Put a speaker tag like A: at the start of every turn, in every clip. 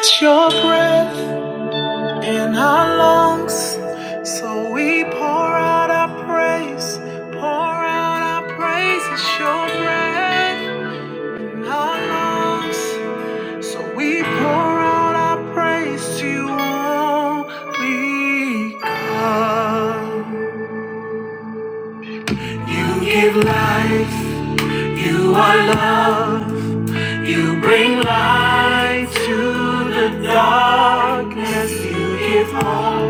A: It's your breath in our lungs, so we pour out our praise, pour out our praise. It's your breath in our lungs, so we pour out our praise to you only God. You give life, you are love, you bring light to the darkness, you give hope.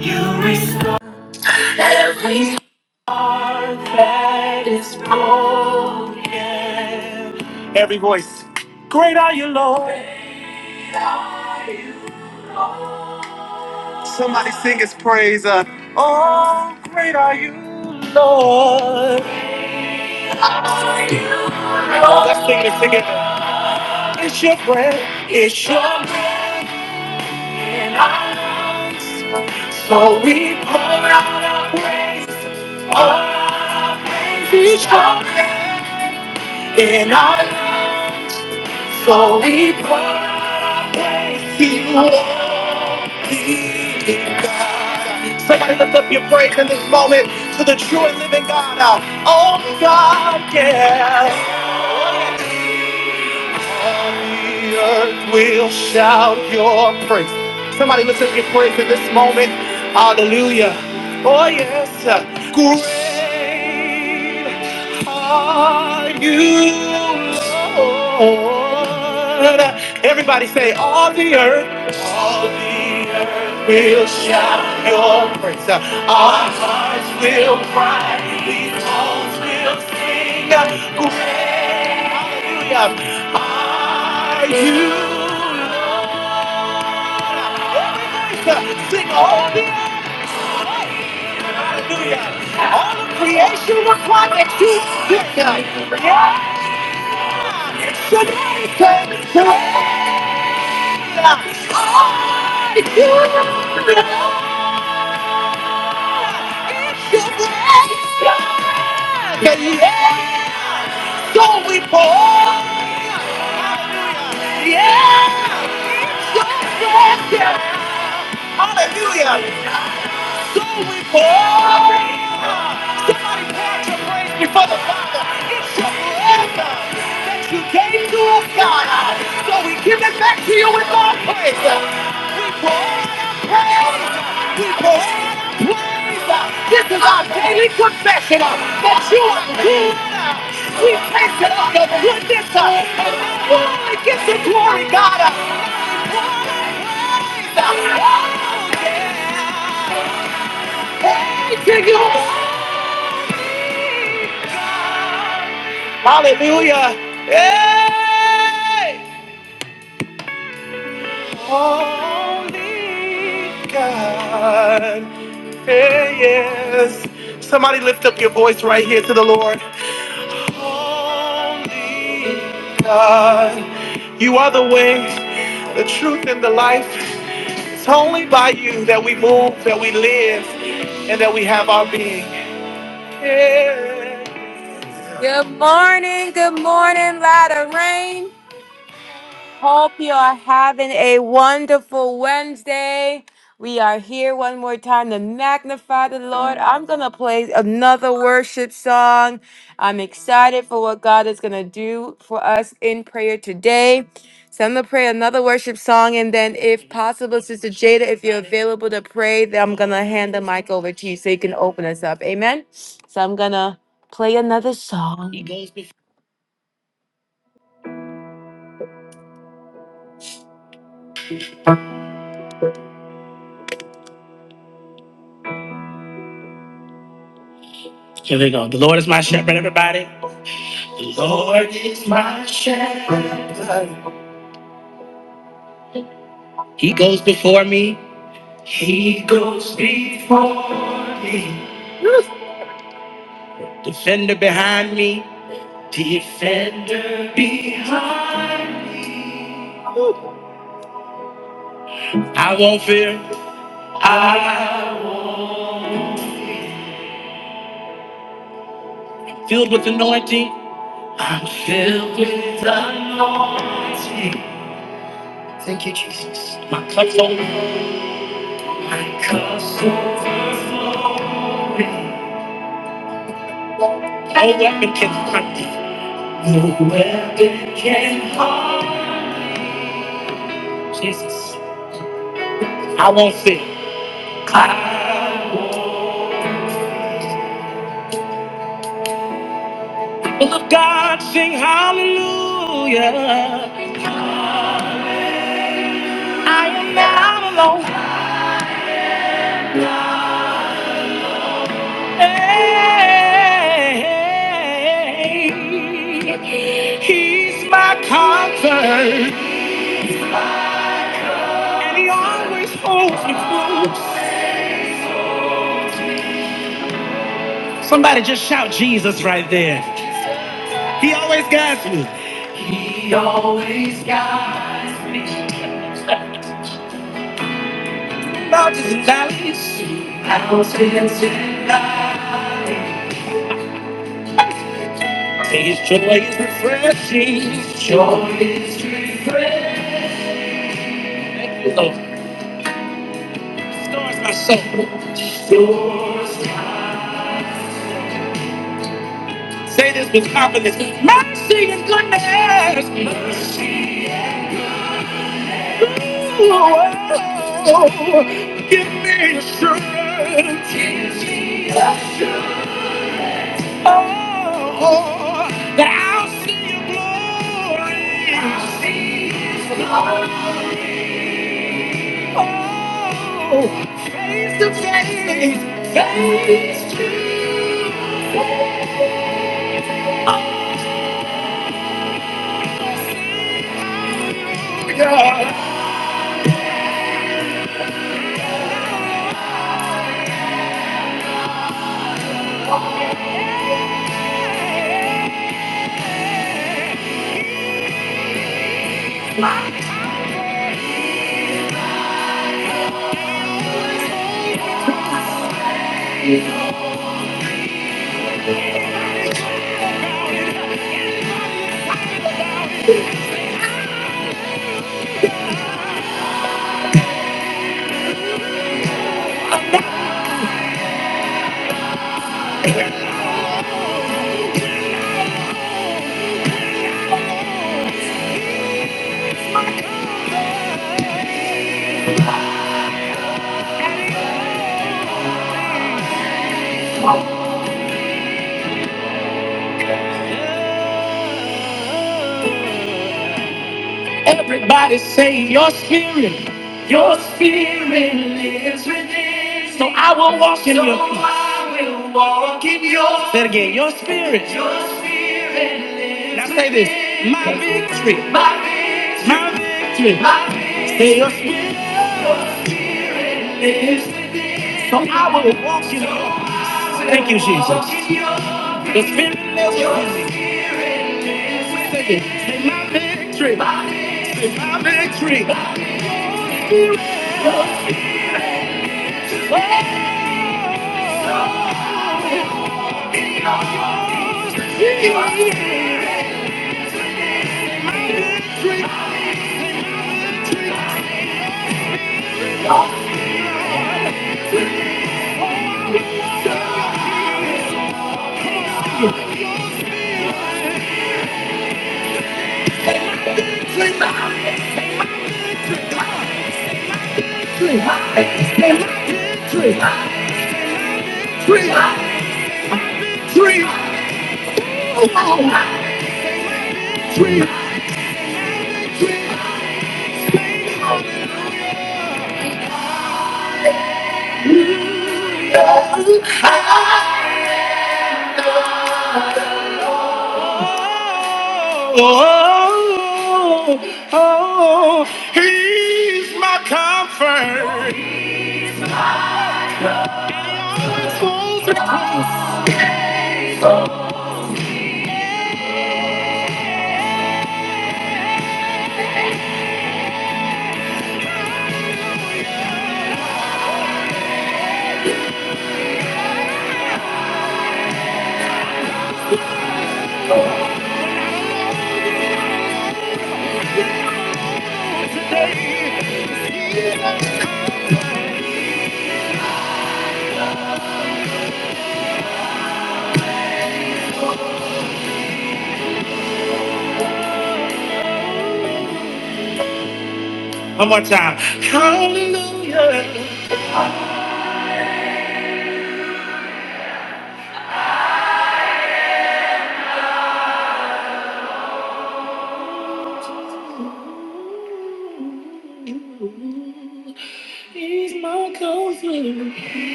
A: You restore that is broken. Every voice, great are you, Lord. Great are you, Lord. Somebody sing his praise. Uh, oh, great are you, Lord. Great are you, Lord. Let's sing this together. It's your breath, it's your breath. in our lungs. So we pour out our praise, pour out our praise each other in our lives. So we pour out our praise to you. Somebody lift up your praise in this moment to the true and living God. Uh, Oh God, yeah. All the earth will shout your praise. Somebody lift up your praise in this moment. Hallelujah. Oh yes. Great are you, Lord. Everybody say, all the earth. All the earth will shout your praise. Our hearts will cry. These songs will sing. Great. Hallelujah. Are you Lord? Sing all the earth. Hallelujah. All of creation will cry that you sing. Yes, your name is Are you Lord? Yeah, yeah. don't we pour. Yeah, so we walk. Yeah, hallelujah. going for forever. Somebody pour out your praise before the Father. It's your forever that you gave to us, God. So we give it back to you with our praise. We pour out our praise. We pour out our praise. This is our daily confession that you are good. We taste it of your goodness. And you only get the glory, God. Praise to you. Hallelujah. Hey! Holy God. Hey, yes. Somebody lift up your voice right here to the Lord. Holy God. You are the way, the truth, and the life. It's only by you that we move, that we live, and that we have our being. Yeah. Good morning, good morning, Lot of Rain. Hope you are having a wonderful Wednesday. We are here one more time to magnify the Lord. I'm going to play another worship song. I'm excited for what God is going to do for us in prayer today. So I'm going to pray another worship song. And then, if possible, Sister Jada, if you're available to pray, then I'm going to hand the mic over to you so you can open us up. Amen. So I'm going to play another song. Here we go. The Lord is my shepherd, everybody. The Lord is my shepherd. He goes before me. He goes before. Defender behind me. Defender behind. I won't fear. Filled with anointing. I'm filled with anointing. Thank you, Jesus. My cup's over. My cup's over. No weapon can harm me. No weapon can harm Jesus. I won't fear. I People Of God, sing hallelujah. I am not alone. Hey, he's my comfort, and he always holds me close. Somebody just shout Jesus right there. He always guides me. He always guides me. mountains and valleys. Mountains and valleys. His joy is refreshing. His joy is refreshing. Oh, stars my soul. Joy. Say this with confidence. Mercy and goodness. Ooh, oh, give me assurance. Give me assurance. Oh, that I'll see your glory. I'll see Oh, face to face, face to God. Everybody say your spirit, your spirit lives within. So I will walk in your peace. Say it again, your spirit. Now say this, my victory, my victory. Say your spirit lives within. So I will walk in your peace. Thank you, Jesus. The spirit lives within Say it, say my victory, say my victory. Oh, oh, he's my comfort. One more time. Hallelujah.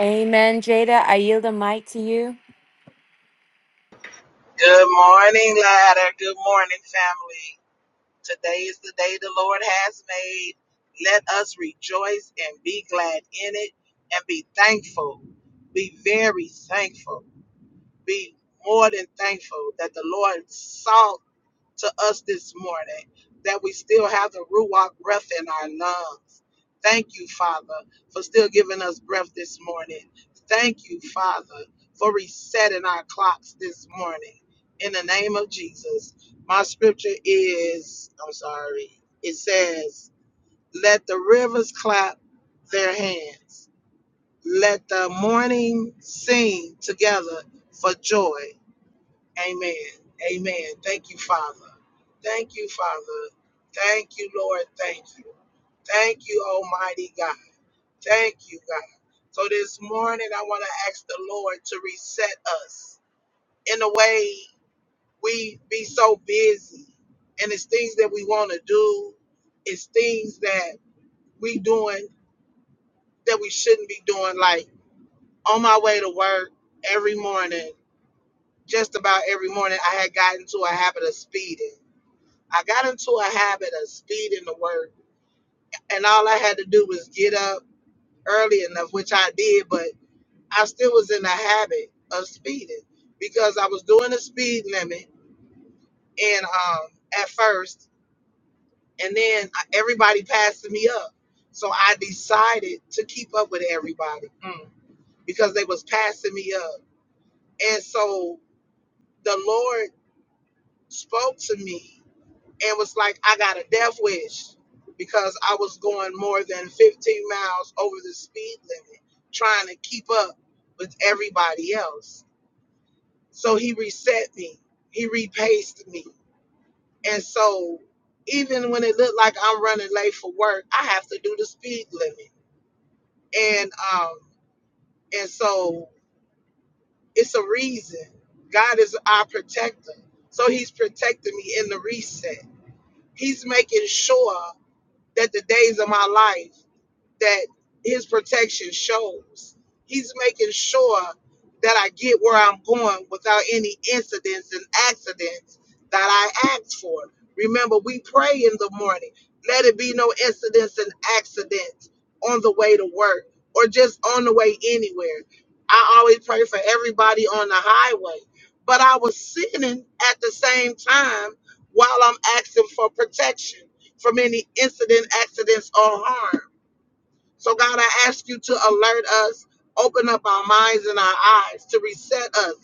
A: Amen, Jada. I yield the mic to you.
B: Good morning, ladder. Good morning, family. Today is the day the Lord has made. Let us rejoice and be glad in it and be thankful. Be very thankful. Be more than thankful that the Lord saw to us this morning that we still have the Ruach breath in our lungs. Thank you, Father, for still giving us breath this morning. Thank you, Father, for resetting our clocks this morning. In the name of Jesus, my scripture is I'm sorry, it says, Let the rivers clap their hands, let the morning sing together for joy. Amen. Amen. Thank you, Father. Thank you, Father. Thank you, Lord. Thank you. Thank you, Almighty God. Thank you, God. So this morning, I want to ask the Lord to reset us in a way we be so busy, and it's things that we want to do, it's things that we doing that we shouldn't be doing. Like on my way to work every morning, just about every morning, I had gotten to a habit of speeding I got into a habit of speeding to work, and all I had to do was get up early enough, which I did, but I still was in the habit of speeding because I was doing the speed limit and um at first, and then everybody passing me up, so I decided to keep up with everybody because they was passing me up, and so the Lord spoke to me and was like, I got a death wish because I was going more than 15 miles over the speed limit trying to keep up with everybody else. So he reset me, he repaced me. And so even when it looked like I'm running late for work, I have to do the speed limit. And um and so it's a reason. God is our protector. So he's protecting me in the reset. He's making sure that the days of my life that his protection shows. He's making sure that I get where I'm going without any incidents and accidents that I asked for. Remember, we pray in the morning. Let it be no incidents and accidents on the way to work or just on the way anywhere. I always pray for everybody on the highway. But I was sinning at the same time while I'm asking for protection from any incident, accidents, or harm. So, God, I ask you to alert us, open up our minds and our eyes, to reset us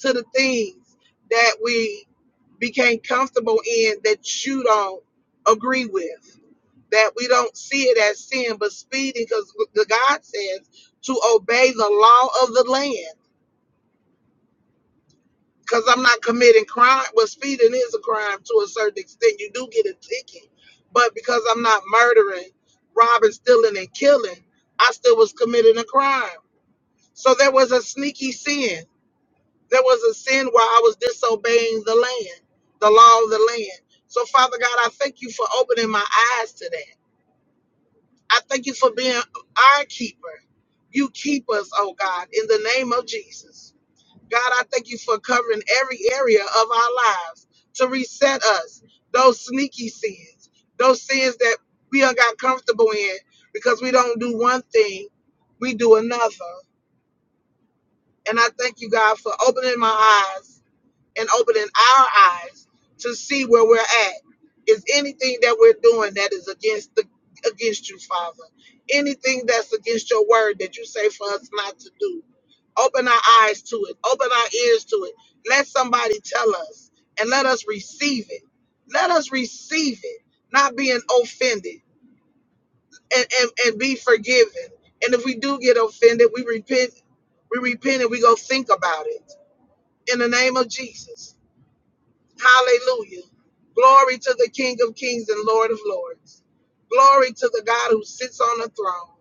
B: to the things that we became comfortable in that you don't agree with, that we don't see it as sin, but speeding, because the God says to obey the law of the land. Because I'm not committing crime. Well, speeding is a crime to a certain extent. You do get a ticket. But because I'm not murdering, robbing, stealing, and killing, I still was committing a crime. So there was a sneaky sin. There was a sin where I was disobeying the land, the law of the land. So, Father God, I thank you for opening my eyes to that. I thank you for being our keeper. You keep us, oh God, in the name of Jesus. God, I thank you for covering every area of our lives to reset us, those sneaky sins, those sins that we done got comfortable in because we don't do one thing, we do another. And I thank you, God, for opening my eyes and opening our eyes to see where we're at. Is anything that we're doing that is against the against you, Father? Anything that's against your word that you say for us not to do. Open our eyes to it. Open our ears to it. Let somebody tell us and let us receive it. Let us receive it, not being offended and, and, and be forgiven. And if we do get offended, we repent, we repent and we go think about it in the name of Jesus. Hallelujah. Glory to the King of Kings and Lord of Lords. Glory to the God who sits on the throne.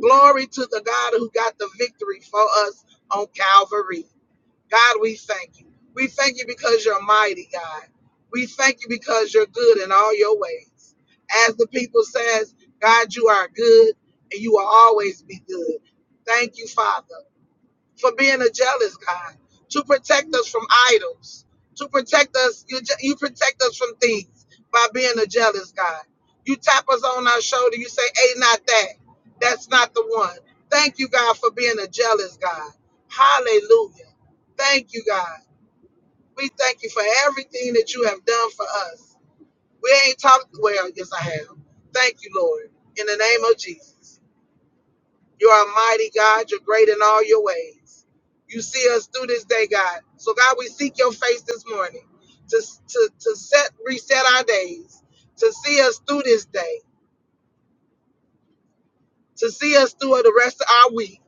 B: Glory to the God who got the victory for us on Calvary. God, we thank you. We thank you because you're mighty, God. We thank you because you're good in all your ways. As the people says, God, you are good and you will always be good. Thank you, Father for being a jealous God, to protect us from idols, to protect us. You, ju- you protect us from things by being a jealous God. You tap us on our shoulder. You say, "Hey, not that. That's not the one." Thank you, God, for being a jealous God. Hallelujah. Thank you, God. We thank you for everything that you have done for us. We ain't talked well. Yes, I have. Thank you, Lord. In the name of Jesus. You are a mighty God. You're great in all your ways. You see us through this day, God. So, God, we seek your face this morning to, to, to set reset our days, to see us through this day, to see us through the rest of our week,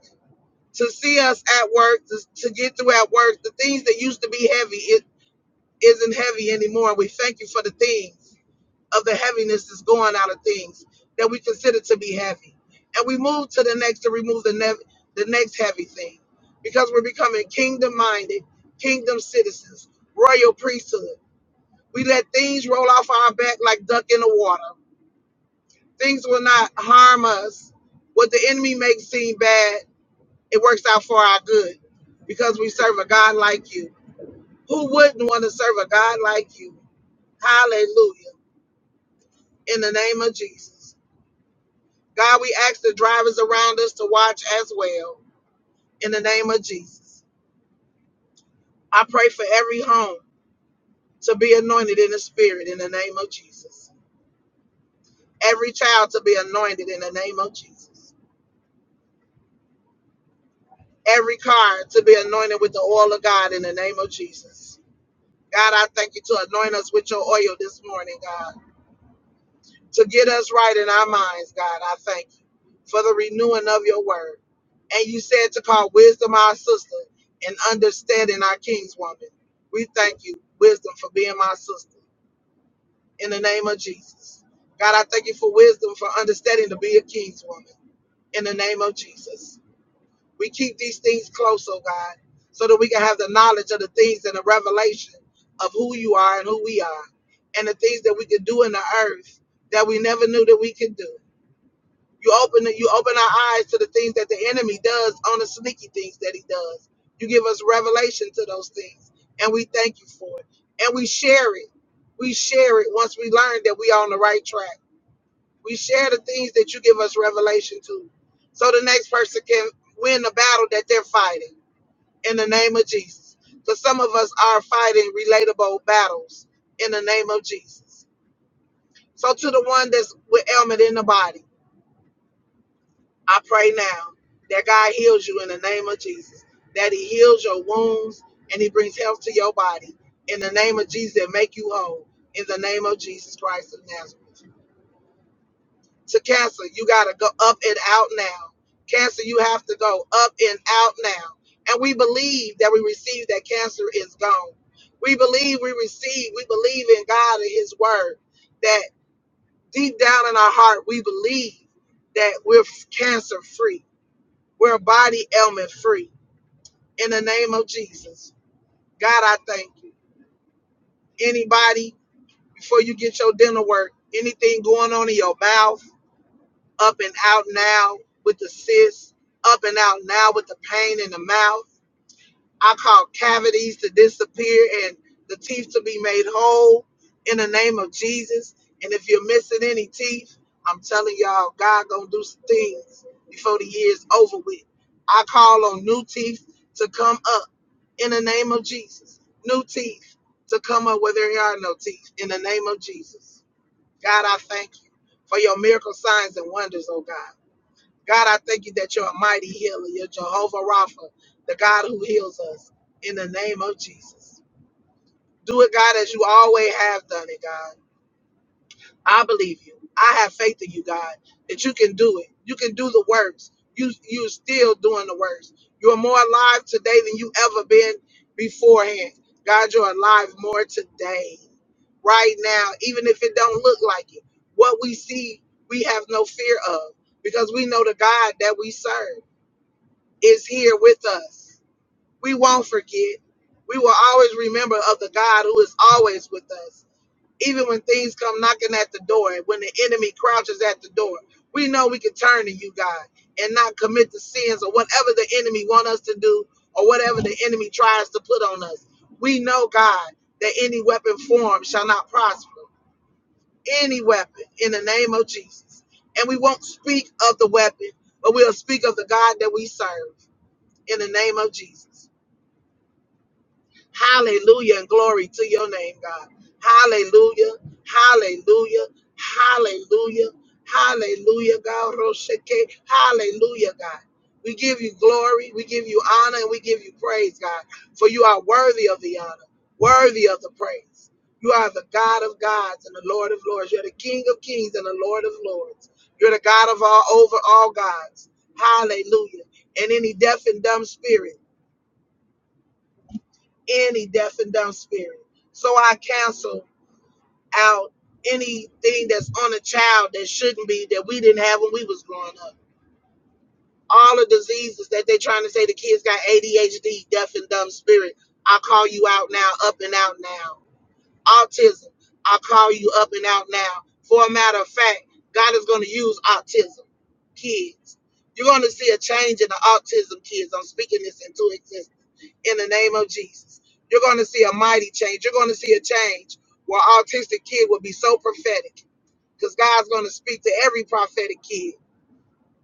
B: to see us at work, to, to get through at work. The things that used to be heavy, it isn't heavy anymore. We thank you for the things. of the heaviness that's going out of things that we consider to be heavy. And we move to the next to remove the, nev- the next heavy thing because we're becoming kingdom minded, kingdom citizens, royal priesthood. We let things roll off our back like duck in the water. Things will not harm us. What the enemy makes seem bad, it works out for our good because we serve a God like you. Who wouldn't want to serve a God like you? Hallelujah. In the name of Jesus. God, we ask the drivers around us to watch as well. In the name of Jesus. I pray for every home to be anointed in the spirit in the name of Jesus. Every child to be anointed in the name of Jesus. Every car to be anointed with the oil of God in the name of Jesus. God, I thank you to anoint us with your oil this morning, God. to get us right in our minds, God. I thank you for the renewing of your word. And you said to call wisdom our sister and understanding our kingswoman. We thank you, wisdom, for being my sister in the name of Jesus. God, I thank you for wisdom, for understanding to be a kingswoman in the name of Jesus. We keep these things close, oh God, so that we can have the knowledge of the things and the revelation of who you are and who we are, and the things that we can do in the earth that we never knew that we could do. You open you open our eyes to the things that the enemy does on the sneaky things that he does. You give us revelation to those things, and we thank you for it. And we share it. We share it once we learn that we are on the right track. We share the things that you give us revelation to, so the next person can win the battle that they're fighting in the name of Jesus. Because some of us are fighting relatable battles in the name of Jesus. So to the one that's with ailment in the body. I pray now that God heals you in the name of Jesus, that He heals your wounds and He brings health to your body in the name of Jesus and make you whole in the name of Jesus Christ of Nazareth. To cancer, you got to go up and out now. Cancer, you have to go up and out now. And we believe that we receive that cancer is gone. We believe we receive, we believe in God and His Word, that deep down in our heart, we believe that we're cancer free we're body ailment free in the name of Jesus. God, I thank you. Anybody, before you get your dental work, anything going on in your mouth, up and out now with the cyst, up and out now with the pain in the mouth. I call cavities to disappear and the teeth to be made whole in the name of Jesus. And if you're missing any teeth, I'm telling y'all, God gonna do some things before the year's over with. I call on new teeth to come up in the name of Jesus. New teeth to come up where there are no teeth in the name of Jesus. God, I thank you for your miracle signs and wonders, oh God. God, I thank you that you're a mighty healer. You're Jehovah Rapha, the God who heals us in the name of Jesus. Do it, God, as you always have done it, God. I believe you. I have faith in you, God, that you can do it. You can do the works. You, you're still doing the works. You're more alive today than you ever been beforehand. God, you're alive more today, right now, even if it don't look like it. What we see, we have no fear of because we know the God that we serve is here with us. We won't forget. We will always remember of the God who is always with us. Even when things come knocking at the door, when the enemy crouches at the door, we know we can turn to you, God, and not commit the sins or whatever the enemy want us to do or whatever the enemy tries to put on us. We know, God, that any weapon formed shall not prosper. Any weapon in the name of Jesus. And we won't speak of the weapon, but we'll speak of the God that we serve in the name of Jesus. Hallelujah and glory to your name, God. Hallelujah. Hallelujah. Hallelujah. Hallelujah, God. Roshake. Hallelujah, God. We give you glory, we give you honor, and we give you praise, God. For you are worthy of the honor, worthy of the praise. You are the God of gods and the Lord of lords. You're the King of kings and the Lord of lords. You're the God of all over all gods. Hallelujah. And any deaf and dumb spirit. any deaf and dumb spirit. So I cancel out anything that's on a child that shouldn't be that we didn't have when we was growing up. All the diseases that they are trying to say the kids got ADHD, deaf and dumb spirit. I call you out now, up and out now. Autism, I call you up and out now. For a matter of fact, God is going to use autism kids. You're going to see a change in the autism kids. I'm speaking this into existence in the name of Jesus. You're going to see a mighty change. You're going to see a change where autistic kid will be so prophetic because God's going to speak to every prophetic kid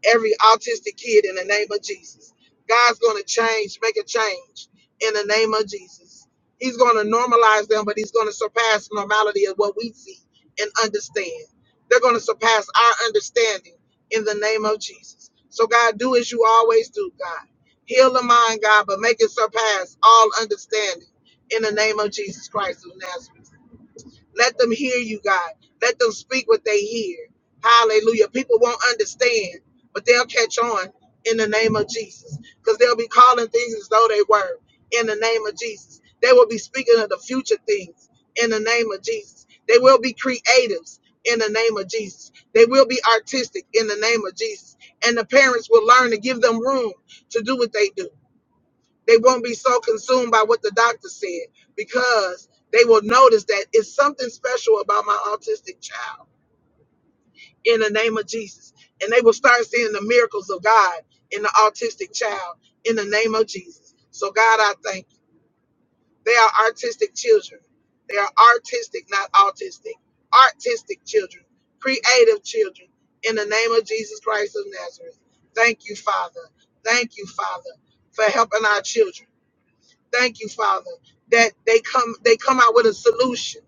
B: every autistic kid in the name of Jesus. God's going to change, make a change in the name of Jesus. He's going to normalize them, but he's going to surpass normality of what we see and understand. They're going to surpass our understanding in the name of Jesus. So, God, do as you always do, God. Heal the mind, God, but make it surpass all understanding in the name of Jesus Christ of Nazareth. Let them hear you, God. Let them speak what they hear. Hallelujah. People won't understand, but they'll catch on in the name of Jesus because they'll be calling things as though they were in the name of Jesus. They will be speaking of the future things in the name of Jesus. They will be creatives in the name of Jesus. They will be artistic in the name of Jesus. And the parents will learn to give them room to do what they do they won't be so consumed by what the doctor said because they will notice that it's something special about my autistic child in the name of Jesus. And they will start seeing the miracles of God in the autistic child in the name of Jesus. So, God, I thank you. They are artistic children. They are artistic, not autistic. Artistic children, creative children in the name of Jesus Christ of Nazareth. Thank you, Father. Thank you, Father, for helping our children. Thank you, Father, that they come they come out with a solution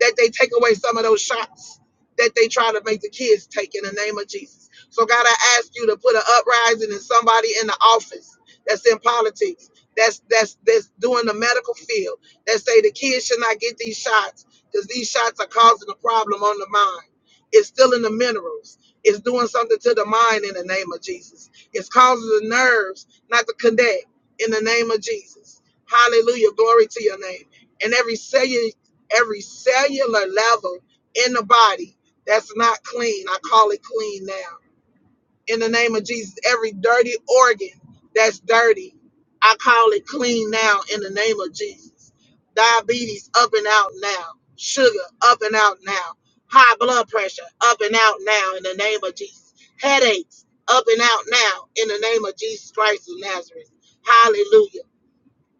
B: that they take away some of those shots that they try to make the kids take in the name of Jesus. So, God, I ask you to put an uprising in somebody in the office that's in politics, that's that's that's doing the medical field, that say the kids should not get these shots because these shots are causing a problem on the mind. It's stealing the minerals. It's doing something to the mind in the name of Jesus. It's causing the nerves not to connect in the name of Jesus. Hallelujah. Glory to your name. And every cellular every cellular level in the body that's not clean. I call it clean now. In the name of Jesus, every dirty organ that's dirty, I call it clean now in the name of Jesus. Diabetes up and out now. Sugar up and out now. High blood pressure up and out now in the name of Jesus. Headaches up and out now in the name of Jesus Christ of Nazareth. Hallelujah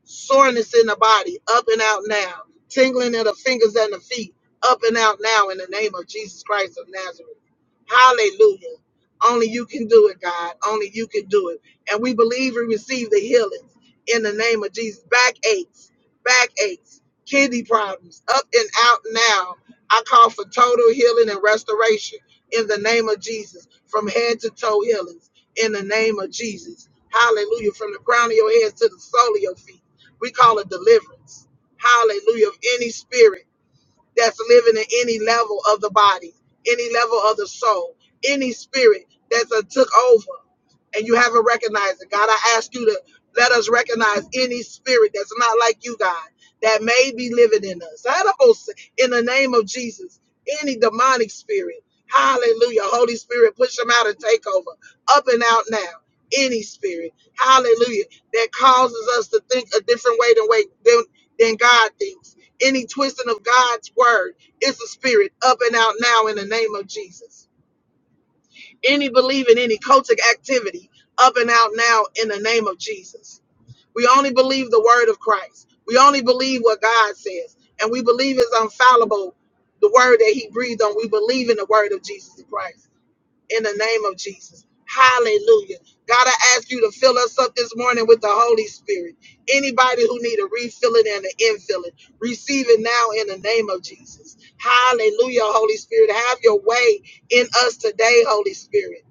B: soreness in the body, up and out now, tingling in the fingers and the feet, up and out now in the name of Jesus Christ of Nazareth. Hallelujah. Only you can do it, God. Only you can do it. And we believe we receive the healings in the name of Jesus. Back aches, back aches, kidney problems, up and out now. I call for total healing and restoration in the name of Jesus, from head to toe healings in the name of Jesus. Hallelujah. From the crown of your head to the sole of your feet we call it deliverance. Hallelujah. Of any spirit that's living in any level of the body, any level of the soul, any spirit that's uh, took over and you haven't recognized it. God, I ask you to let us recognize any spirit that's not like you, God, that may be living in us. I Almost In the name of Jesus, any demonic spirit, hallelujah. Holy Spirit, push them out and take over. Up and out now. Any spirit, hallelujah, that causes us to think a different way than way than, than God thinks any twisting of God's word is a spirit up and out now in the name of Jesus. Any belief in any cultic activity up and out now in the name of Jesus. We only believe the word of Christ. We only believe what God says. And we believe is unfallible the word that he breathed on. We believe in the word of Jesus Christ in the name of Jesus. Hallelujah. God, I ask you to fill us up this morning with the Holy Spirit. Anybody who need a refilling and an infilling, receive it now in the name of Jesus. Hallelujah, Holy Spirit. Have your way in us today, Holy Spirit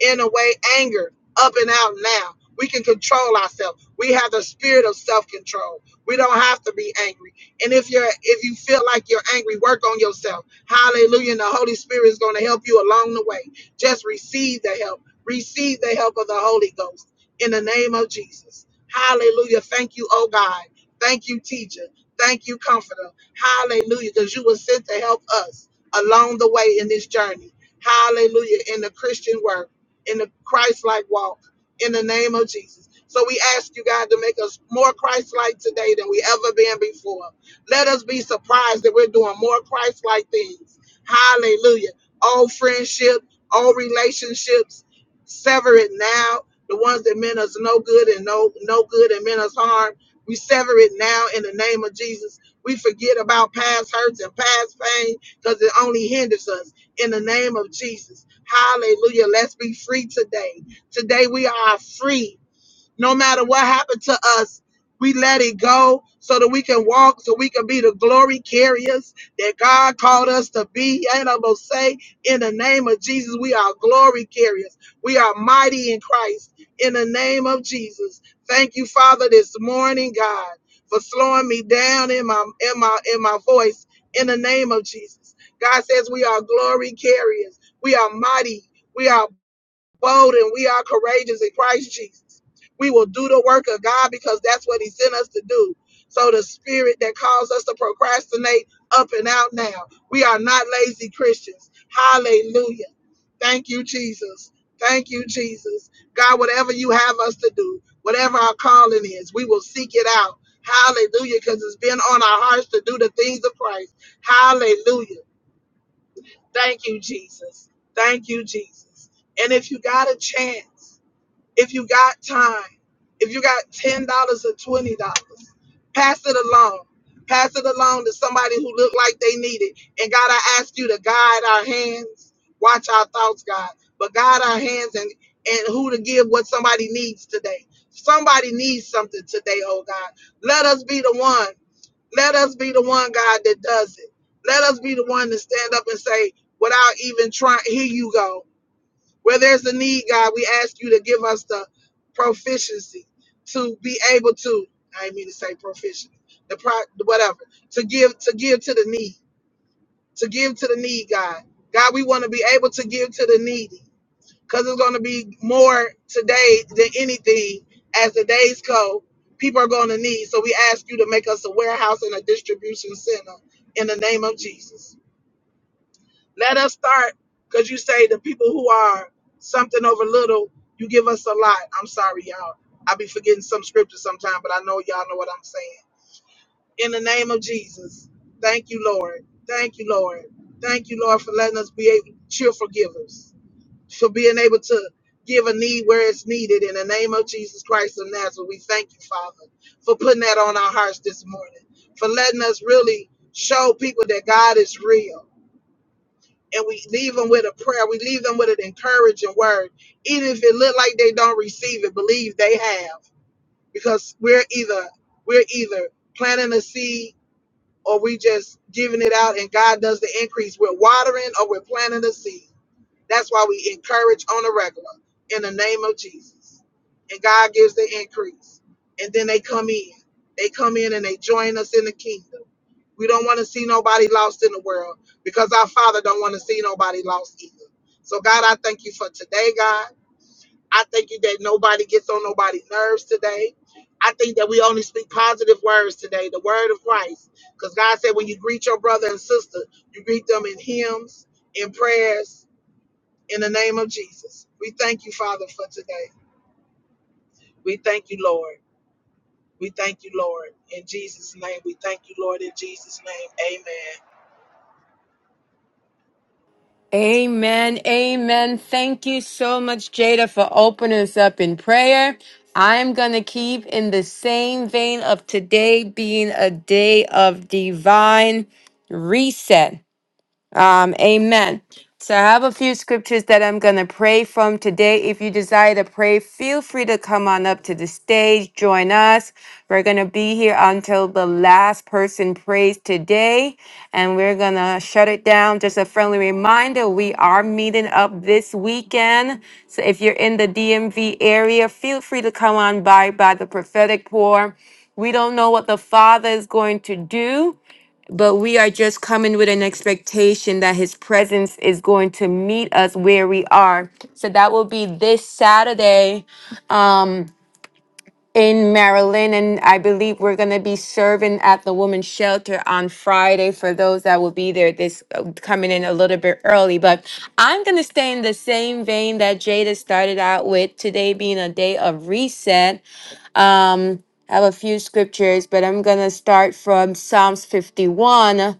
B: in a way angered up and out now. We can control ourselves. We have the spirit of self-control. We don't have to be angry. And if you're if you feel like you're angry, work on yourself. Hallelujah. And the Holy Spirit is going to help you along the way. Just receive the help. Receive the help of the Holy Ghost in the name of Jesus. Hallelujah. Thank you, oh God. Thank you, teacher. Thank you, comforter. Hallelujah. Because you were sent to help us along the way in this journey. Hallelujah. In the Christian word in the Christ-like walk in the name of Jesus. So we ask you, God, to make us more Christ-like today than we ever been before. Let us be surprised that we're doing more Christ-like things. Hallelujah. All friendship, all relationships, sever it now. The ones that meant us no good and no no good and meant us harm, we sever it now in the name of Jesus. We forget about past hurts and past pain because it only hinders us in the name of Jesus. Hallelujah. Let's be free today. Today we are free. No matter what happened to us, we let it go so that we can walk, so we can be the glory carriers that God called us to be. And I'm going to say, in the name of Jesus, we are glory carriers. We are mighty in Christ. In the name of Jesus. Thank you, Father, this morning, God, for slowing me down in my in my in my voice. In the name of Jesus. God says we are glory carriers. We are mighty. We are bold and we are courageous in Christ Jesus. We will do the work of God because that's what He sent us to do. So the spirit that caused us to procrastinate up and out now. We are not lazy Christians. Hallelujah. Thank you, Jesus. Thank you, Jesus. God, whatever you have us to do, whatever our calling is, we will seek it out. Hallelujah, because it's been on our hearts to do the things of Christ. Hallelujah. Thank you, Jesus. Thank you, Jesus. And if you got a chance, if you got time, if you got $10 or $20, pass it along. Pass it along to somebody who look like they need it. And God, I ask you to guide our hands, watch our thoughts, God, but guide our hands and, and who to give what somebody needs today. Somebody needs something today, oh God. Let us be the one. Let us be the one, God, that does it. Let us be the one to stand up and say, without even trying, here you go. Where there's a need, God, we ask you to give us the proficiency to be able to, I didn't mean to say proficiency, the pro, whatever, to give, to give to the need, to give to the need, God. God, we want to be able to give to the needy because it's going to be more today than anything as the days go people are going to need so we ask you to make us a warehouse and a distribution center in the name of jesus let us start because you say the people who are something over little you give us a lot i'm sorry y'all i be forgetting some scripture sometime but i know y'all know what i'm saying in the name of jesus thank you lord thank you lord thank you lord for letting us be able cheerful givers for being able to give a need where it's needed. In the name of Jesus Christ of Nazareth, we thank you, Father, for putting that on our hearts this morning, for letting us really show people that God is real. And we leave them with a prayer. We leave them with an encouraging word. Even if it look like they don't receive it, believe they have. Because we're either we're either planting a seed or we just giving it out and God does the increase. We're watering or we're planting a seed. That's why we encourage on the regular in the name of Jesus. And God gives the increase. And then they come in. They come in and they join us in the kingdom. We don't want to see nobody lost in the world because our Father don't want to see nobody lost either. So God, I thank you for today, God. I thank you that nobody gets on nobody's nerves today. I think that we only speak positive words today, the word of Christ. Because God said when you greet your brother and sister, you greet them in hymns, in prayers, in the name of Jesus. We thank you, Father, for today. We thank you, Lord. We thank you, Lord. In Jesus' name, we thank you, Lord. In Jesus' name, amen.
A: Amen. Amen. Thank you so much, Jada, for opening us up in prayer. I'm going to keep in the same vein of today being a day of divine reset. Um, amen. So I have a few scriptures that I'm going to pray from today. If you desire to pray, feel free to come on up to the stage, join us. We're going to be here until the last person prays today, and we're going to shut it down. Just a friendly reminder we are meeting up this weekend. So if you're in the DMV area, feel free to come on by by the prophetic pour. We don't know what the Father is going to do but we are just coming with an expectation that his presence is going to meet us where we are. So that will be this Saturday um, in Maryland. And I believe we're going to be serving at the women's shelter on Friday for those that will be there this uh, coming in a little bit early. But I'm going to stay in the same vein that Jada started out with today being a day of reset. Um, I have a few scriptures, but I'm going to start from Psalms 51.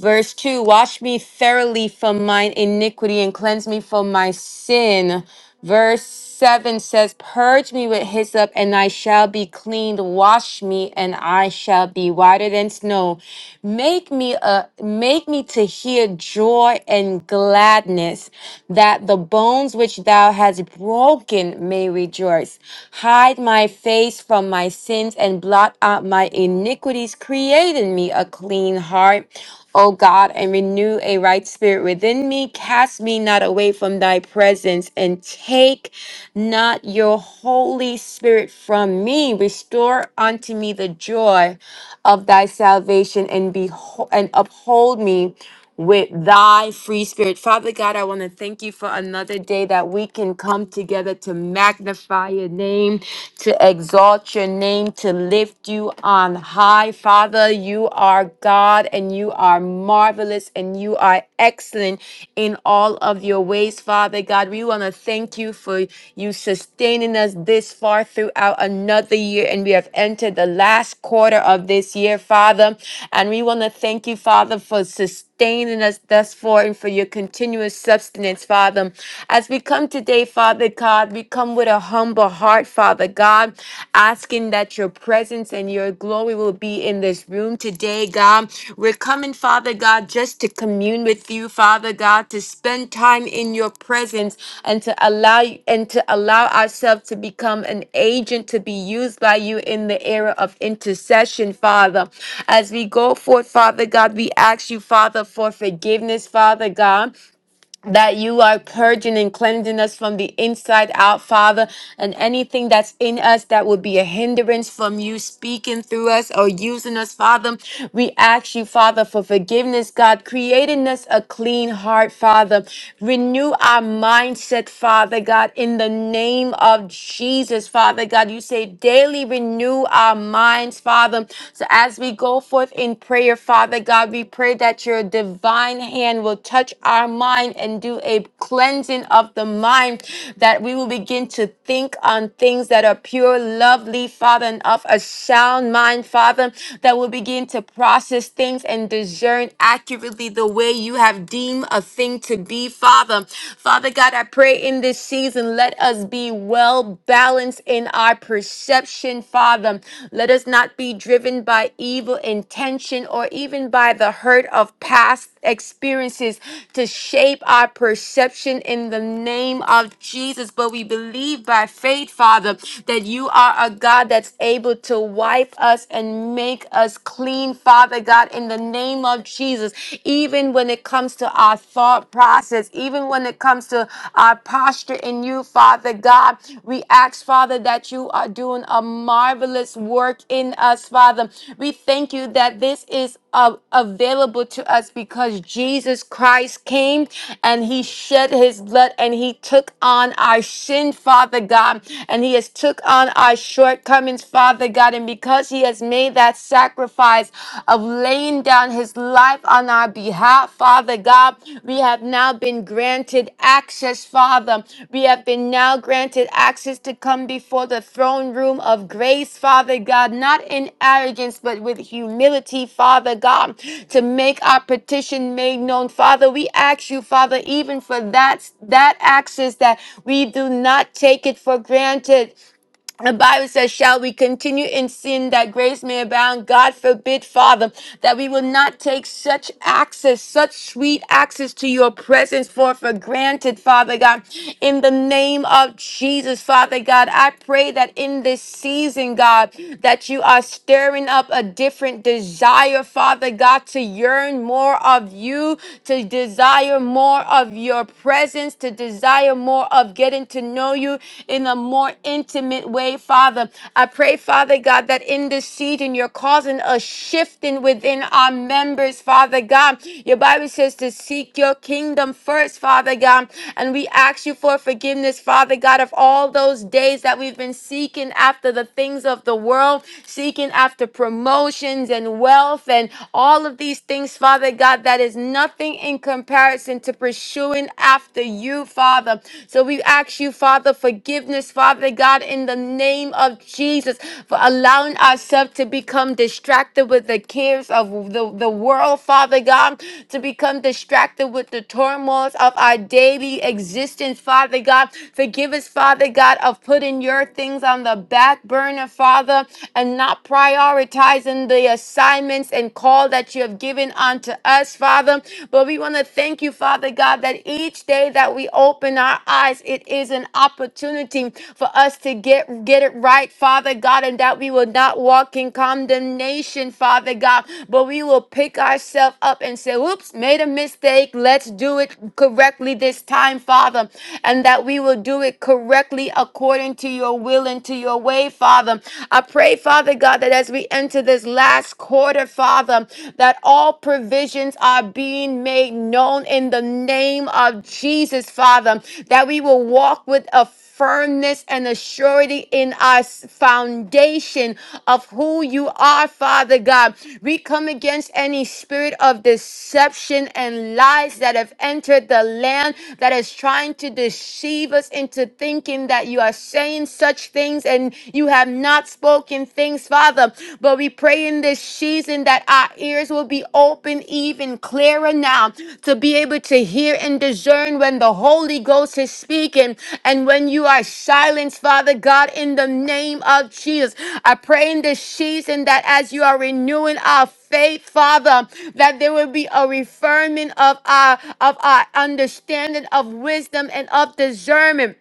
A: Verse 2 Wash me thoroughly from mine iniquity and cleanse me from my sin. Verse 7 says, Purge me with hyssop, and I shall be cleaned. Wash me, and I shall be whiter than snow. Make me a make me to hear joy and gladness, that the bones which thou hast broken may rejoice. Hide my face from my sins and blot out my iniquities. Create in me a clean heart. O God, and renew a right spirit within me. Cast me not away from thy presence, and take not your Holy Spirit from me. Restore unto me the joy of thy salvation, and, behold, and uphold me with thy free spirit. Father God, I want to thank you for another day that we can come together to magnify your name, to exalt your name, to lift you on high. Father, you are God and you are marvelous and you are excellent in all of your ways, Father God. We want to thank you for you sustaining us this far throughout another year, and we have entered the last quarter of this year, Father. And we want to thank you, Father, for sustaining sustaining us thus far and for your continuous sustenance, Father. As we come today, Father God, we come with a humble heart, Father God, asking that your presence and your glory will be in this room today, God. We're coming, Father God, just to commune with you with you, Father God, to spend time in your presence and to allow and to allow ourselves to become an agent to be used by you in the era of intercession, Father. As we go forth, Father God, we ask you, Father, for forgiveness, Father God that you are purging and cleansing us from the inside out, Father, and anything that's in us that would be a hindrance from you speaking through us or using us, Father. We ask you, Father, for forgiveness, God, creating us a clean heart, Father. Renew our mindset, Father God, in the name of Jesus, Father God. You say daily renew our minds, Father. So as we go forth in prayer, Father God. We pray that your divine hand will touch our mind and do a cleansing of the mind, that we will begin to think on things that are pure, lovely, Father, and of a sound mind, Father, that will begin to process things and discern accurately the way you have deemed a thing to be, Father. Father God, I pray in this season, let us be well balanced in our perception, Father. Let us not be driven by evil intention or even by the hurt of past experiences to shape our perception in the name of Jesus. But we believe by faith, Father, that you are a God that's able to wipe us and make us clean, Father God, in the name of Jesus, even when it comes to our thought process Jesus, even when it comes to our posture in you, Father God, we ask, Father, that you are doing a marvelous work in us, Father. We thank you that this is uh, available to us because Jesus Christ came and he shed his blood and he took on our sin, Father God, and he has took on our shortcomings, Father God, and because he has made that sacrifice, of laying down his life on our behalf, Father God. We have now been granted access, Father. We have been now granted access to come before the throne room of grace, Father God, not in arrogance, but with humility, Father God, to make our petition made known. Father, we ask you, Father, even for that, that access that we do not take it for granted. The Bible says, Shall we continue in sin that grace may abound? God forbid, Father, that we will not take such access, such sweet access to your presence for, for granted, Father God. In the name of Jesus, Father God, I pray that in this season, God, that you are stirring up a different desire, Father God, to yearn more of you, to desire more of your presence, to desire more of getting to know you in a more intimate way, Father. I pray, Father God, that in this season you're causing a shifting within our members, Father God. Your Bible says to seek your kingdom first, Father God. And we ask you for forgiveness, Father God, of all those days that we've been seeking after the things of the world, seeking after promotions and wealth and all of these things, Father God, that is nothing in comparison to pursuing after you, Father. So we ask you, Father, forgiveness, Father God, in the name of Jesus, for allowing ourselves to become distracted with the cares of the, the world, Father God, to become distracted with the turmoils of our daily existence, Father God. Forgive us, Father God, of putting your things on the back burner, Father, and not prioritizing the assignments and call that you have given unto us, Father. But we want to thank you, Father God, that each day that we open our eyes, it is an opportunity for us to get get it right, Father God, and that we will not walk in condemnation, Father God, but we will pick ourselves up and say, "Oops, made a mistake. Let's do it correctly this time, Father," and that we will do it correctly according to your will and to your way, Father. I pray, Father God, that as we enter into this last quarter, Father, that all provisions are being made known in the name of Jesus, Father, that we will walk with a firmness and a surety in our s- foundation of who you are, Father God. We come against any spirit of deception and lies that have entered the land that is trying to deceive us into thinking that you are saying such things and. You have not spoken things, Father. But we pray in this season that our ears will be open even clearer now to be able to hear and discern when the Holy Ghost is speaking and when you are silenced, Father God, in the name of Jesus. I pray in this season that as you are renewing our faith, Father, that there will be a reaffirming of our of our understanding of wisdom and of discernment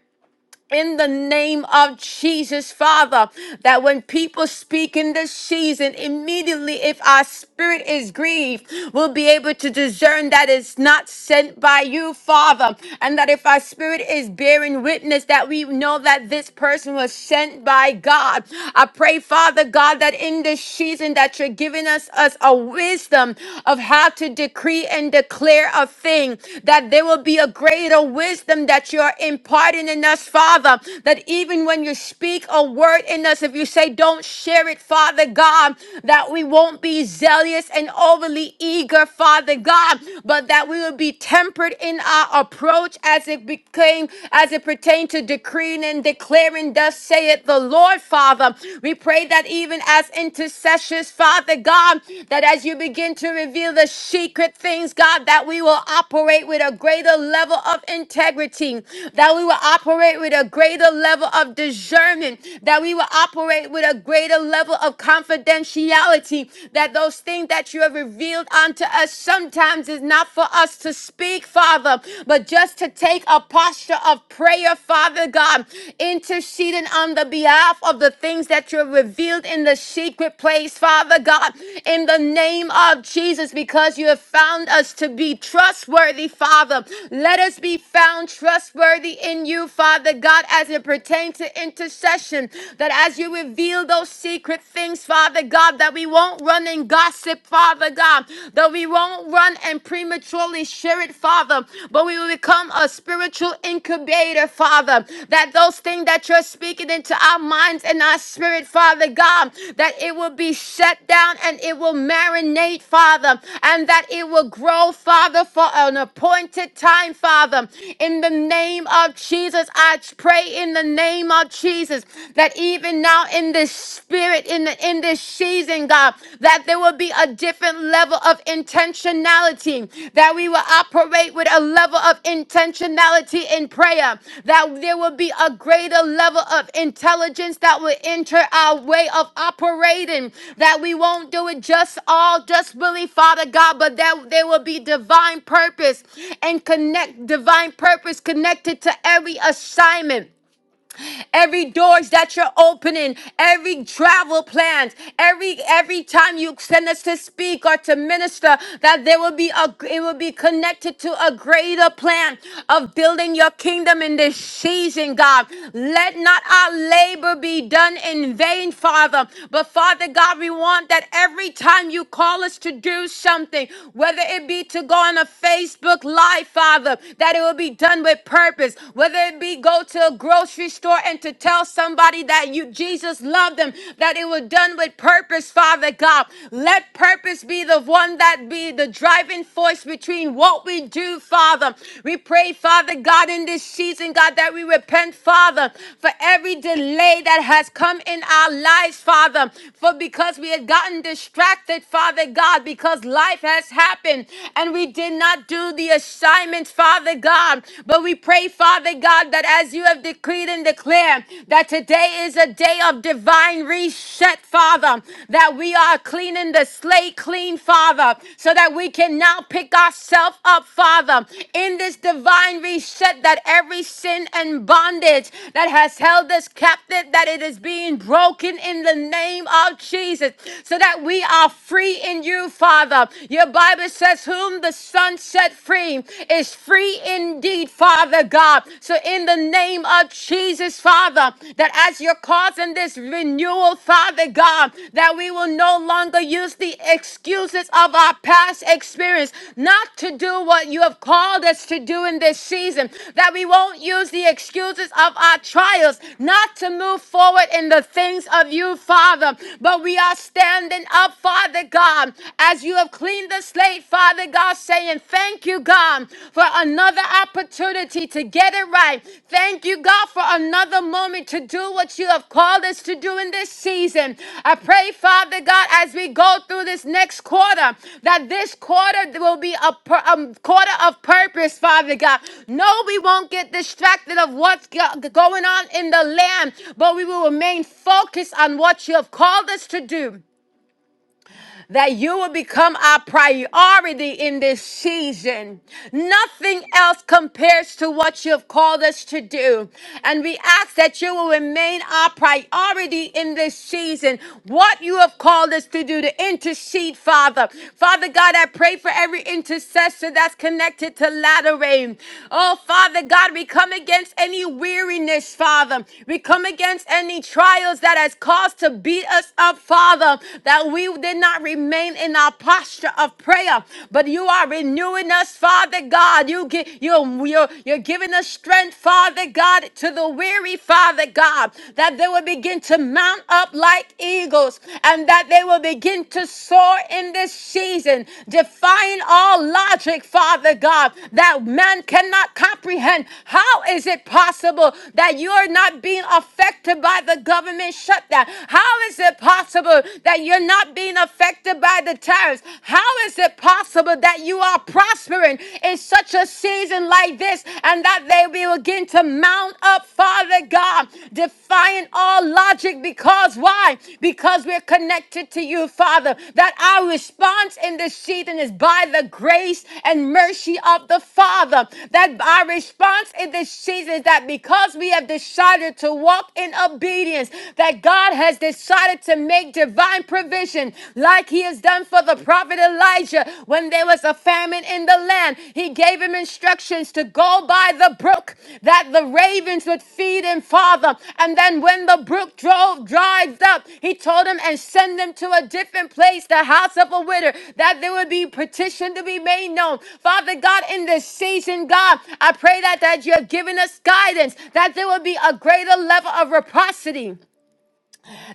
A: in the name of Jesus, Father, that when people speak in this season, immediately, if our spirit is grieved, we'll be able to discern that it's not sent by you, Father, and that if our spirit is bearing witness, that we know that this person was sent by God. I pray, Father God, that in this season, that you're giving us us a wisdom of how to decree and declare aware of thing, that there will be a greater wisdom that you're imparting in us, Father. That even when you speak a word in us, if you say, don't share it, Father God, that we won't be zealous and overly eager, Father God, but that we will be tempered in our approach as it became, as it pertained to decreeing and declaring, thus saith the Lord, Father. We pray that even as intercessors, intercessors, Father God, that as you begin to reveal the secret things, God, that we will operate with a greater level of integrity, that we will operate with a greater level of discernment, that we will operate with a greater level of confidentiality, that those things that you have revealed unto us sometimes is not for us to speak, Father, but just to take a posture of prayer, Father God. God, interceding on the behalf of the things that you're revealed in the secret place, Father God, in the name of Jesus, because you have found us to be trustworthy, Father. Let us be found trustworthy in you, Father God, as it pertains to intercession, that as you reveal those secret things, Father God, that we won't run and gossip, Father God, that we won't run and prematurely Holy Spirit, Father, but we will become a spiritual incubator, Father, that those things that you're speaking into our minds and our spirit, Father God, that it will be set down and it will marinate, Father, and that it will grow, Father, for an appointed time, Father. In the name of Jesus, I pray in the name of Jesus that even now in this spirit, in the in this season season, God, that there will be a different level of intentionality, that we will operate with a level of intentionality in prayer, that there will be a greater level of intelligence that will enter our way of operating, that we won't do it just all just really, Father God, but that there will be divine purpose and connect divine purpose connected to every assignment every doors that you're opening, every travel plans, every every time you send us to speak or to minister, that there will be a it will be connected to a greater plan of building your kingdom in this season, God. Let not our labor be done in vain, Father. But Father God, we want that every time you call us to do something, whether it be to go on a Facebook Live, Father, that it will be done with purpose whether it be go to a grocery store and to tell somebody that you Jesus loved them, that it was done with purpose, Father God. Let purpose be the one that be the driving force between what we do, Father. We pray, Father God, in this season, God, that we repent, Father, for every delay that has come in our lives, Father, for because we had gotten distracted, Father God, because life has happened and we did not do the assignment, Father. Father God. But we pray, Father God, that as you have decreed and declared that today is a day of divine reset, Father, that we are cleaning the slate clean, Father, so that we can now pick ourselves up, Father, in this divine reset that every sin and bondage that has held us captive, that it is being broken in the name of Jesus, so that we are free in you, Father. Your Bible says, Whom the the Son set free is free indeed, Father God. So, in the name of Jesus, Father, that as you're causing this renewal, Father God, that we will no longer use the excuses of our past experience not to do what you have called us to do in this season, that we won't use the excuses of our trials not to move forward in the things of you, Father, but we are standing up, Father God, as you have cleaned the slate, Father God, saying, Thank you, God, for another opportunity to get it right. Thank you, God, for another moment to do what you have called us to do in this season. I pray, Father God, as we go through this next quarter, that this quarter will be a, pur- a quarter of purpose, Father God. No, we won't get distracted of what's go- going on in the land, but we will remain focused on what you have called us to do that you will become our priority in this season. Nothing else compares to what you have called us to do. And we ask that you will remain our priority in this season. What you have called us to do to intercede, Father. Father God, I pray for every intercessor that's connected to Latter Rain. Oh, Father God, we come against any weariness, Father. We come against any trials that has caused to beat us up, Father. That that we did not remain in our posture of prayer, but you are renewing us, Father God. You get you you're, you're giving us strength, Father God, to the weary, Father God, that they will begin to mount up like eagles and that they will begin to soar in this season, defying all logic, Father God, that man cannot comprehend. How is it possible that you are not being affected by the government shutdown? How is it possible? possible that you're not being affected by the tariffs? How is it possible that you are prospering in such a season like this and that they will begin to mount up, Father God, defying all logic? Because why? Because we're connected to you, Father, that our response in this season is by the grace and mercy of the Father, that our response in this season is that because we have decided to walk in obedience, that God has has decided to make divine provision, like he has done for the prophet Elijah when there was a famine in the land. He gave him instructions to go by the brook that the ravens would feed him, Father. And then when the brook drove dried up, he told him and send them to a different place, the house of a widow, that there would be petition to be made known. Father God, in this season, God, I pray that, that you have given us guidance, that there will be a greater level of reciprocity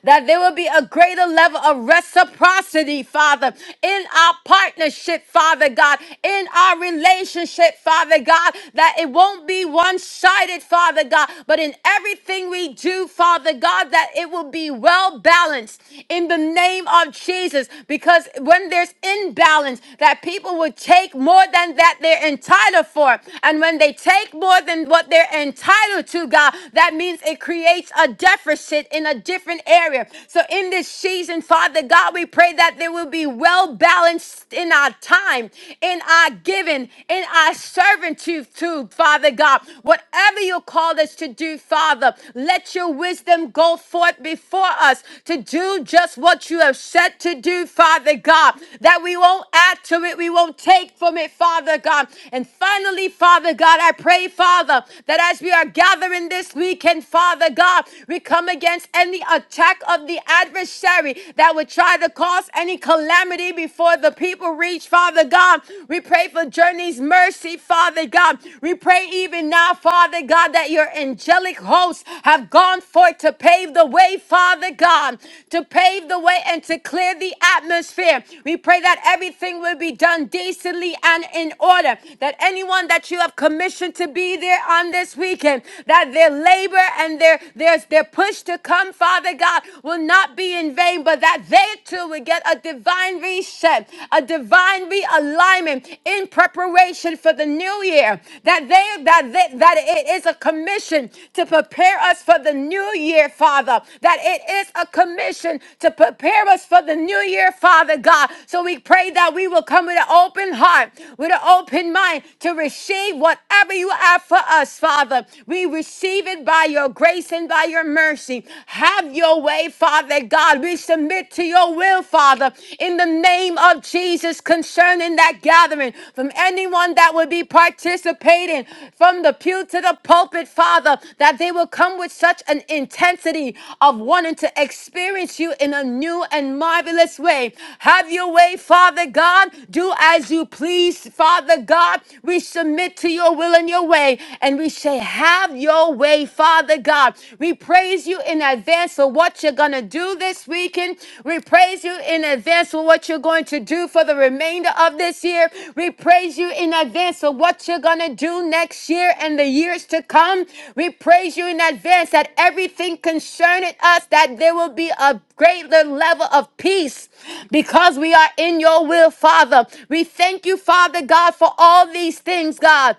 A: that there will be a greater level of reciprocity, Father, in our partnership, Father God, in our relationship, Father God, that it won't be one sided, Father God, but in everything we do, Father God, that it will be well balanced in the name of Jesus. Because when there's imbalance, that people will take more than that they're entitled for. And when they take more than what they're entitled to, God, that means it creates a deficit gifted in a different area. So in this season, Father God, we pray that there will be well balanced in our time, in our giving, in our servitude, too, Father God. Whatever you called us to do, Father, let your wisdom go forth before us to do just what you have said to do, Father God, that we won't add to it, we won't take from it, Father God. And finally, Father God, I pray, Father, that as we are gathering this weekend, Father God, God. We come against any attack of the adversary that would try to cause any calamity before the people reach, Father God. We pray for Journey's mercy, Father God. We pray even now, Father God, that your angelic hosts have gone forth to pave the way, Father God, to pave the way and to clear the atmosphere. We pray that everything will be done decently and in order, that anyone that you have commissioned to be there on this weekend, that their labor labor and their, their, their push to come, Father God, will not be in vain, but that they too will get a divine reset, a divine realignment in preparation for the new year. That they that they, that it is a commission to prepare us for the new year, Father. That it is a commission to prepare us for the new year, Father God. So we pray that we will come with an open heart, with an open mind to receive whatever you have for us, Father. We receive it by your grace and by your mercy. Have your way, Father God. We submit to your will, Father, in the name of Jesus concerning that gathering from anyone that will be participating from the pew to the pulpit, Father, that they will come with such an intensity of wanting to experience you in a new and marvelous way. Have your way, Father God. Do as you please, Father God. We submit to your will and your way and we say, Have your way, Father God. We praise you in advance for what you're going to do this weekend. We praise you in advance for what you're going to do for the remainder of this year. We praise you in advance for what you're going to do next year and the years to come. We praise you in advance that everything concerning us, that there will be a greater level of peace because we are in your will, Father. We thank you, Father God, for all these things, God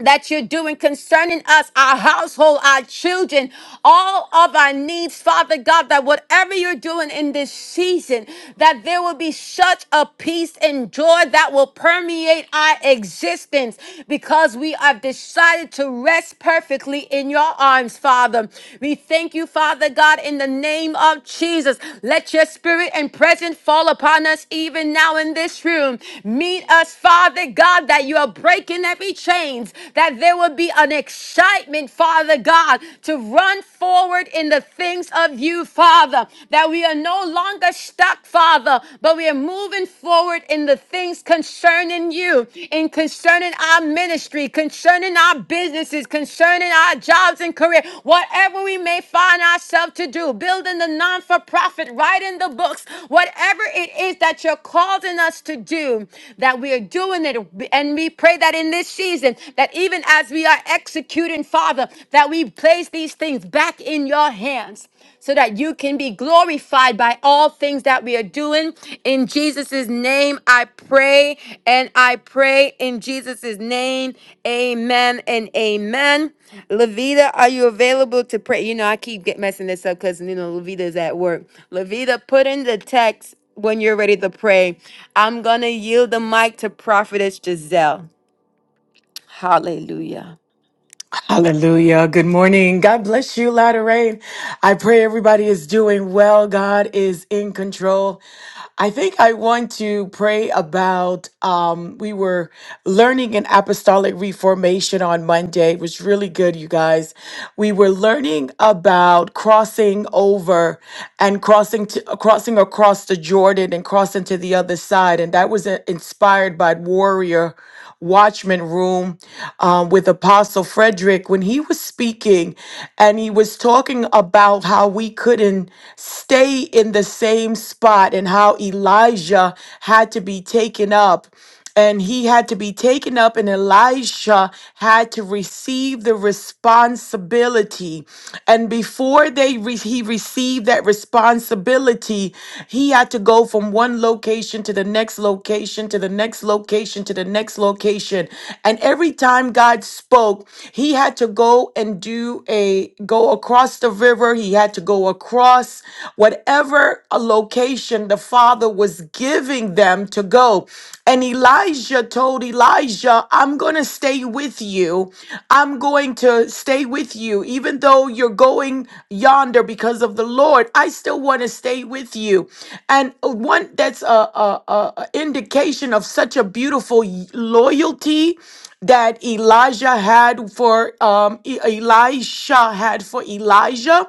A: that you're doing concerning us, our household, our children, all of our needs, Father God, that whatever you're doing in this season, that there will be such a peace and joy that will permeate our existence because we have decided to rest perfectly in your arms, Father. We thank you, Father God, in the name of Jesus. Let your spirit and presence fall upon us even now in this room. Meet us, Father God, that you are breaking every chain chains, that there will be an excitement, Father God, to run forward in the things of you, Father, that we are no longer stuck, Father, but we are moving forward in the things concerning you, in concerning our ministry, concerning our businesses, concerning our jobs and career, whatever we may find ourselves to do, building the non for profit, writing the books, whatever it is that you're causing us to do, that we are doing it. And we pray that in in this season that even as we are executing, Father, that we place these things back in your hands so that you can be glorified by all things that we are doing. In Jesus' name, I pray and I pray in Jesus' name. Amen and amen. Levita, are you available to pray? You know, I keep get messing this up because, you know, Levita's at work. Levita, put in the text when you're ready to pray. I'm going to yield the mic to Prophetess Giselle. Hallelujah.
C: Hallelujah. Good morning. God bless you, Latter Rain. I pray everybody is doing well. God is in control. I think I want to pray about um we were learning an apostolic reformation on Monday. It was really good, you guys. We were learning about crossing over and crossing to, crossing across the Jordan and crossing to the other side. And that was uh, inspired by Warrior. Watchman Room um, with Apostle Frederick when he was speaking and he was talking about how we couldn't stay in the same spot and how Elijah had to be taken up. And he had to be taken up, and Elisha had to receive the responsibility. And before they received he received that responsibility, he had to go from one location to the next location to the next location to the next location. And every time God spoke, he had to go and do a go across the river, he had to go across whatever a location the Father was giving them to go. And Elijah Elijah told Elijah, I'm going to stay with you. I'm going to stay with you. Even though you're going yonder because of the Lord, I still want to stay with you. And one that's a, a, a a indication of such a beautiful loyalty that Elijah had for um, E- Elisha had for Elijah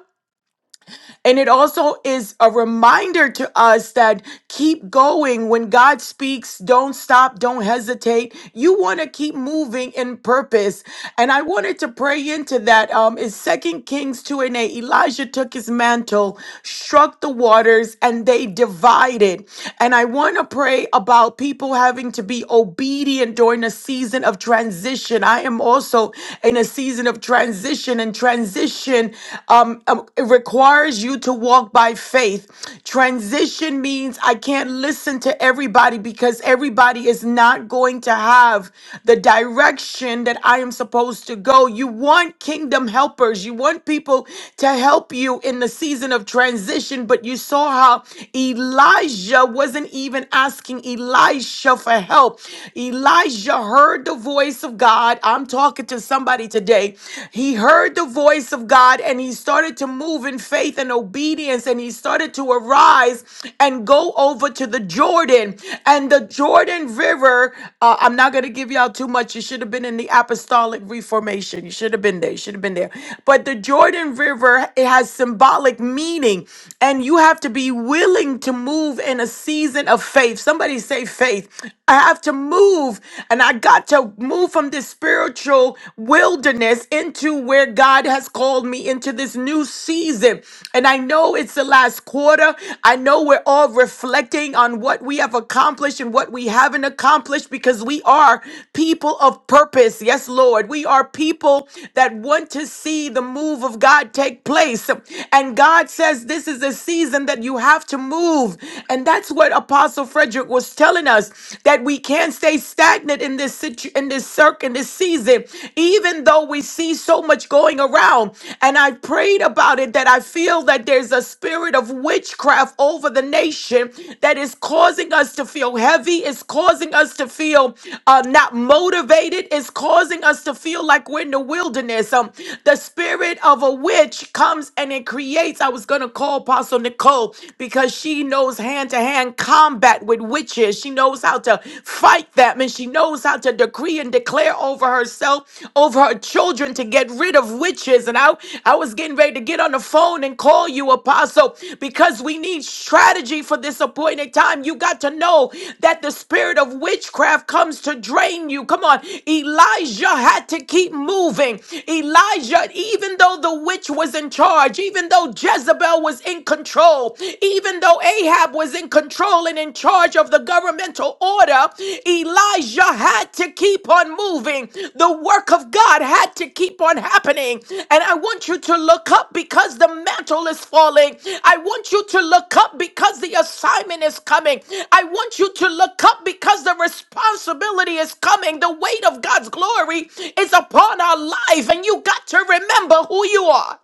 C: and it also is a reminder to us that keep going when God speaks, don't stop, don't hesitate. You want to keep moving in purpose. And I wanted to pray into that. Um, is Second Kings 2 and 8. Elijah took his mantle, struck the waters, and they divided. And I want to pray about people having to be obedient during a season of transition. I am also in a season of transition and transition transition um, um, it requires you to walk by faith. Transition means I can't listen to everybody because everybody is not going to have the direction that I am supposed to go. You want kingdom helpers, you want people to help you in the season of transition, but you saw how Elijah wasn't even asking Elisha for help. Elijah heard the voice of God. I'm talking to somebody somebody today. He heard the voice of God and he started to move in faith and obedience and he started to arise and go over to the Jordan. And the Jordan River, uh, I'm not going to give y'all too much. You should have been in the Apostolic Reformation. You should have been there. You should have been there. But the Jordan River, it has symbolic meaning and you have to be willing to move in a season of faith. Somebody say faith. I have to move and I got God, to move from this spiritual wilderness into where God has called me into this new season. And I know it's the last quarter. I know we're all reflecting on what we have accomplished and what we haven't accomplished because we are people of purpose. Yes, Lord. We are people that want to see the move of God take place. And God says this is a season that you have to move. And that's what Apostle Frederick was telling us us that we can't stay stagnant in this situ- in this circ in this season, even though we see so much going around. And I prayed about it that I feel that there's a spirit of witchcraft over the nation that is causing us to feel heavy, is causing us to feel uh, not motivated, is causing us to feel like we're in the wilderness. Um, the spirit of a witch comes and it creates. I was gonna call Apostle Nicole because she knows hands hand to hand combat with witches. She knows how to fight them and she knows how to decree and declare over herself, over her children to get rid of witches. And I, I was getting ready to get on the phone and call you, Apostle, because we need strategy for this appointed time. You got to know that the spirit of witchcraft comes to drain you. Come on. Elijah had to keep moving. Elijah, even though the witch was in charge, even though Jezebel was in control. Even though Ahab was in control and in charge of the governmental order, Elijah had to keep on moving. The work of God had to keep on happening. And I want you to look up because the mantle is falling. I want you to look up because the assignment is coming. I want you to look up because the responsibility is coming. The weight of God's glory is upon our life. And you got to remember who you are.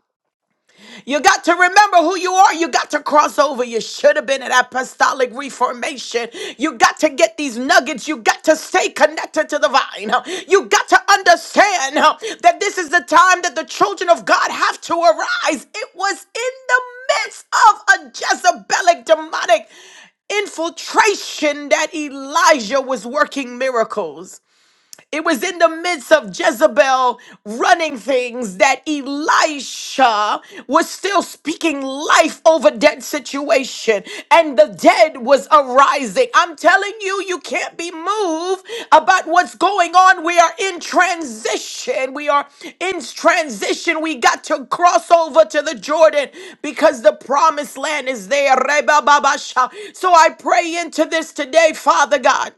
C: You got to remember who you are. You got to cross over. You should have been at apostolic reformation. You got to get these nuggets. You got to stay connected to the vine. You got to understand uh, that this is the time that the children of God have to arise. It was in the midst of a Jezebelic demonic infiltration that Elijah was working miracles. It was in the midst of Jezebel running things that Elisha was still speaking life over dead situation and the dead was arising. I'm telling you, you can't be moved about what's going on. We are in transition. We are in transition. We got to cross over to the Jordan because the promised land is there. Reba Babasha. So I pray into this today, Father God.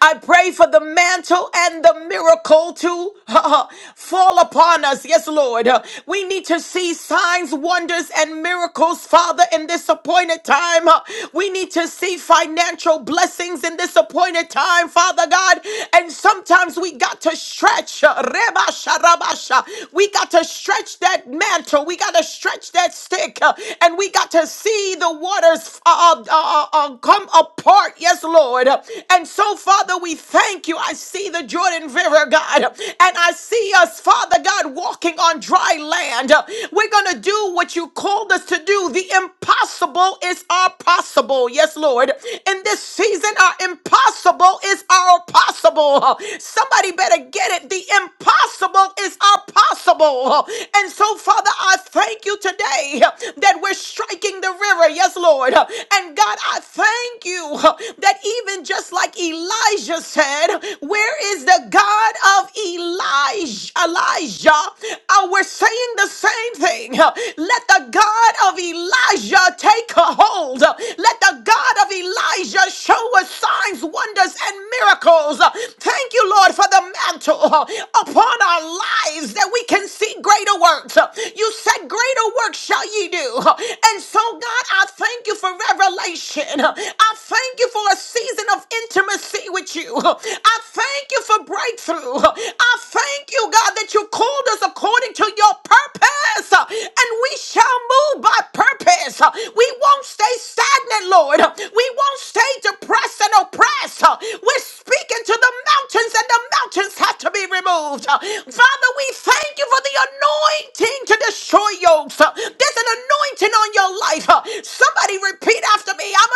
C: I pray for the mantle and the miracle to uh, fall upon us. Yes, Lord. Uh, We need to see signs, wonders, and miracles, Father, in this appointed time. Uh, We need to see financial blessings in this appointed time, Father God. And sometimes we got to stretch. uh, Reba sharabasha. We got to stretch that mantle. We got to stretch that stick. uh, And we got to see the waters uh, uh, uh, uh, come apart, yes, Lord. And so, Father, we thank you. I see the Jordan River, God, and I see us, Father God, walking on dry land. We're going to do what you called us to do. The impossible is our possible, yes, Lord. In this season, our impossible is our possible. Somebody better get it. The impossible is our possible. And so, Father, Father, I thank you today that we're striking the river. Yes, Lord. And God, I thank you that even just like Elijah said, where is the God of Elijah? Elijah, uh, we're saying the same thing. Let the God of Elijah take a hold. Let the God of Elijah show us signs, wonders, and miracles. Thank you, Lord, for the mantle mantle uh, upon our lives that we can see greater works. Uh, You said, Greater works shall ye do. Uh, And so, God, I thank you for revelation. Uh, I thank you for a season of intimacy with you. Uh, I thank you for breakthrough. Uh, I thank you, God, that you called us according to your purpose. Uh, And we shall move by purpose. Uh, We won't stay stagnant, Lord. Uh, We won't stay depressed oppressed and oppressed. Uh, We're speaking to the mountains, and the mountains have to be removed. Uh, Father, we thank you for the anointing to destroy yokes. Uh, There's an anointing on your life. Uh, Somebody repeat after me I'm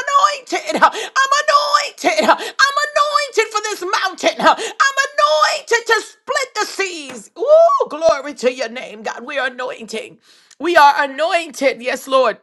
C: anointed. Uh, I'm anointed. Uh, I'm anointed for this mountain. Uh, I'm anointed to split the seas. Ooh, glory to your name, God. We are anointing. We are anointed. Yes, Lord.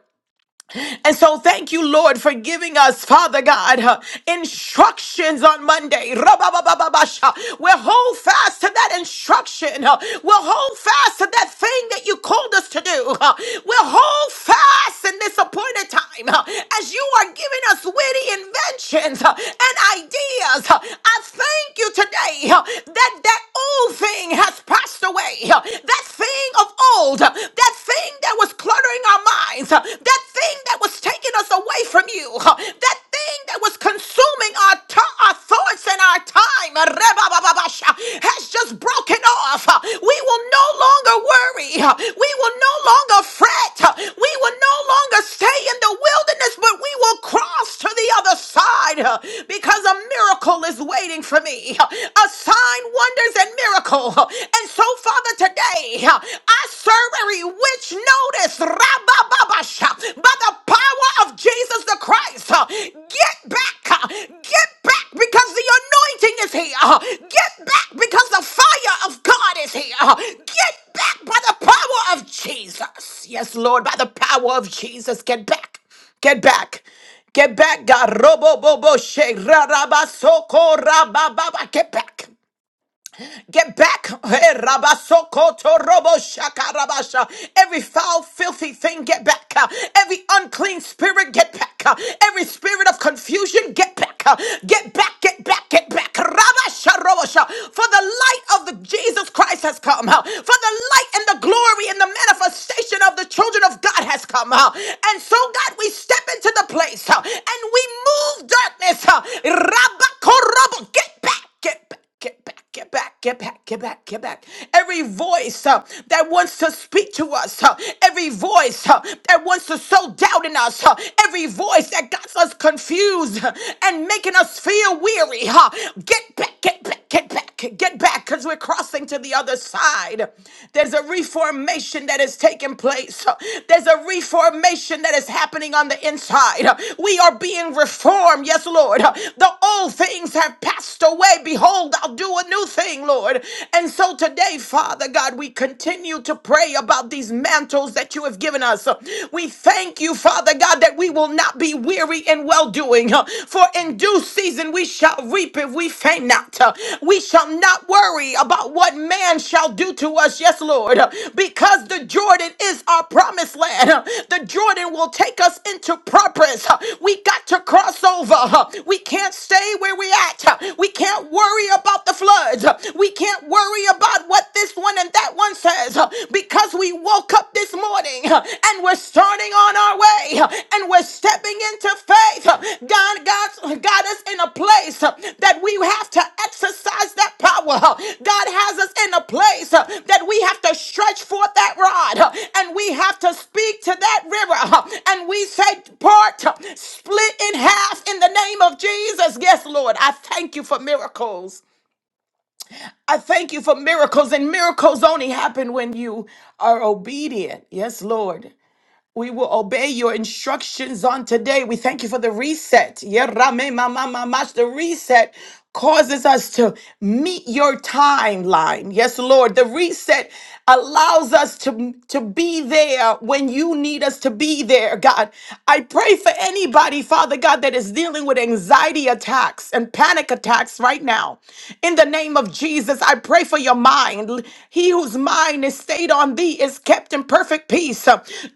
C: And so thank you, Lord, for giving us, Father God, uh, instructions on Monday. Rababababasha. We'll hold fast to that instruction. uh, We'll hold fast to that thing that you called us to do. uh, We'll hold fast in this appointed time uh, as you are giving us witty inventions uh, and ideas. uh, I thank you today uh, that that old thing has passed away. uh, That thing of old, uh, that thing that was cluttering our minds, uh, that thing that was taking us away from you, uh, that thing that was consuming our, to- our thoughts and our time uh, rebababasha, has just broken off. Uh, We will no longer worry. Uh, We will no longer fret. Uh, We will no longer stay in the wilderness, but we will cross to the other side uh, because a miracle is waiting for me. uh, a sign, wonders, and miracle. And so, Father, today I serve a witch notice rabababasha, by the power of Jesus the Christ. Get back, get back because the anointing is here. Get back because the fire of God is here. Get back by the power of Jesus. Yes, Lord, by the power of Jesus, get back, get back. Get back, God. Robo bobo she rababa soko rababa. Get back. Get back. Hey, rabasokoto robo shakarabasha. Every foul, filthy thing, get back. Uh, Every unclean spirit, get back. Uh, Every spirit of confusion, get back. Uh, Get back, get back, get back. Rabasha robosha. For the light of the Jesus Christ has come. Uh, For the light and the glory and the manifestation of the children of God has come. Uh, And so, God, we step into the place uh, and we move darkness. uh, Rabakorobo. Get back. Get back. Get back, get back, get back, get back, get back. Every voice uh, that wants to speak to us, uh, every voice uh, that wants to sow doubt in us, uh, every voice that got us confused uh, and making us feel weary, huh? Get back, get back, get back back, get back, because we're crossing to the other side. There's a reformation that is taking place. There's a reformation that is happening on the inside. We are being reformed, yes, Lord. The old things have passed away. Behold, I'll do a new thing, Lord. And so today, Father God, we continue to pray about these mantles that you have given us. We thank you, Father God, that we will not be weary glory and well doing. For in due season we shall reap if we faint not. Uh, We shall not worry about what man shall do to us. Yes, Lord, Uh, because the Jordan is our promised land. Uh, The Jordan will take us into purpose. Uh, We got to cross over. Uh, We can't stay where we at. Uh, We can't worry about the floods. Uh, We can't worry about what this one and that one says Uh, because we woke up this morning uh, and we're starting on our way uh, and we're stepping into faith. Uh, God, God's got us in a place uh, that we have to exercise that power. Uh, God has us in a place uh, that we have to stretch forth that rod uh, and we have to speak to that river uh, and we say, part, uh, split in half in the name of Jesus. Yes, Lord, I thank you for miracles. I thank you for miracles, and miracles only happen when you are obedient. Yes, Lord. We will obey your instructions on today. We thank you for the reset. Yeah, Rame, mama mamash. The reset causes us to meet your timeline. Yes, Lord. The reset allows us to, to be there when you need us to be there, God. I pray for anybody, Father God, that is dealing with anxiety attacks and panic attacks right now. In the name of Jesus, I pray for your mind. He whose mind is stayed on thee is kept in perfect peace.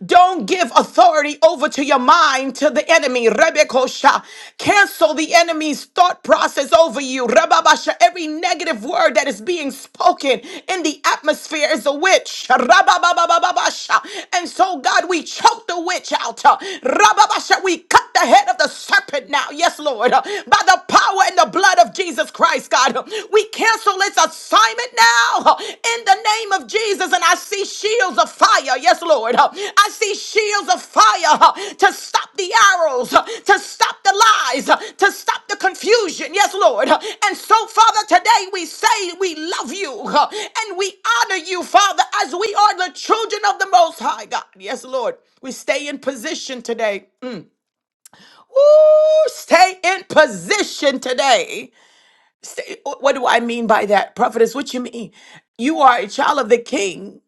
C: Don't give authority over to your mind to the enemy. Rebekosha. Cancel the enemy's thought process over you. Rababasha. Every negative word that is being spoken in the atmosphere is a witch. Rabababababasha. And so, God, we choke the witch out. Rababasha. We cut the head of the serpent now. Yes, Lord. By the power and the blood blood of Jesus Christ, God. We cancel its assignment now in the name of Jesus. And I see shields of fire. Yes, Lord. I see shields of fire to stop the arrows, to stop the lies, to stop the confusion. Yes, Lord. And so, Father, today we say we love you and we honor you, Father, as we are the children of the Most High God. Yes, Lord. We stay in position today. Mm. Ooh, stay in position today Say, What do I mean by that, prophetess? What you mean? You are a child of the king.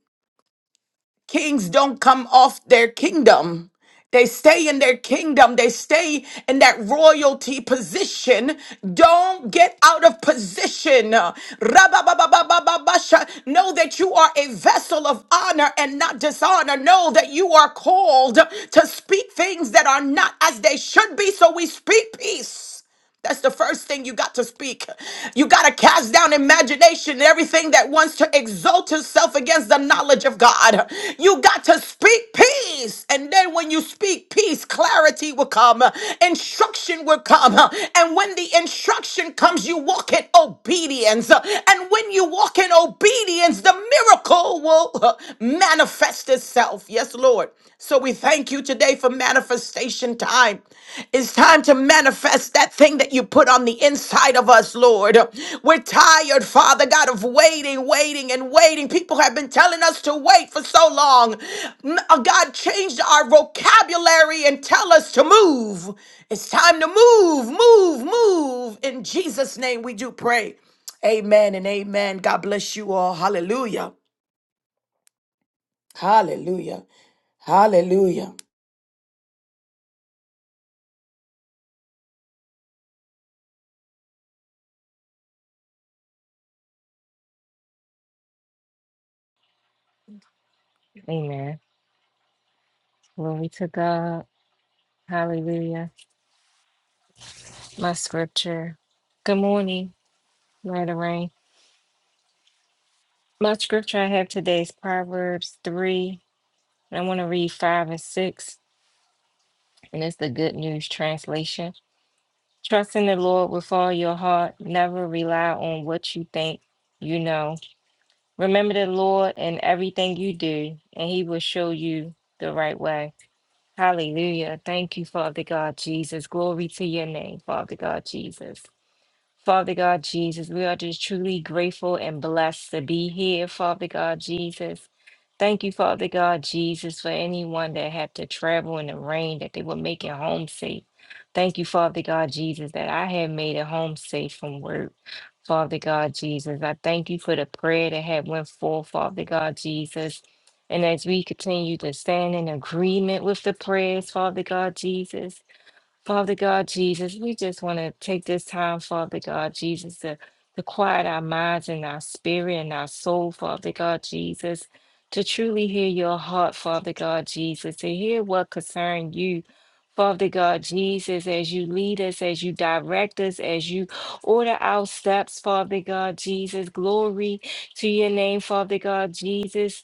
C: Kings don't come off their kingdom. They stay in their kingdom. They stay in that royalty position. Don't get out of position. Rababababababasha. Know that you are a vessel of honor and not dishonor. Know that you are called to speak things that are not as they should be. So we speak peace. That's the first thing you got to speak. You got to cast down imagination and everything that wants to exalt itself against the knowledge of God. You got to speak peace. And then when you speak peace, clarity will come, instruction will come. And when the instruction comes, you walk in obedience. And when you walk in obedience, the miracle will manifest itself. Yes, Lord. So we thank you today for manifestation time. It's time to manifest that thing that you put on the inside of us, Lord. We're tired, Father God, of waiting, waiting, and waiting. People have been telling us to wait for so long. M- uh, God changed our vocabulary and tell us to move. It's time to move, move, move. In Jesus' name we do pray. Amen and amen. God bless you all. Hallelujah. Hallelujah. Hallelujah.
D: Amen. Glory to God. Hallelujah. My scripture. Good morning, Lord of Rain. My scripture I have today is Proverbs 3. I want to read 5 and 6, and it's the Good News Translation. Trust in the Lord with all your heart. Never rely on what you think you know. Remember the Lord in everything you do, and he will show you the right way. Hallelujah. Thank you, Father God Jesus. Glory to your name, Father God Jesus. Father God Jesus, we are just truly grateful and blessed to be here, Father God Jesus. Thank you, Father God Jesus, for anyone that had to travel in the rain, that they would make it home safe. Thank you, Father God Jesus, that I have made it home safe from work. Father God Jesus, I thank you for the prayer that had went forth, Father God Jesus. And as we continue to stand in agreement with the prayers, Father God Jesus, Father God Jesus, we just want to take this time, Father God Jesus, to, to quiet our minds and our spirit and our soul, Father God Jesus, to truly hear your heart, Father God Jesus, to hear what concern you. Father God Jesus, as you lead us, as you direct us, as you order our steps, Father God Jesus, glory to your name, Father God Jesus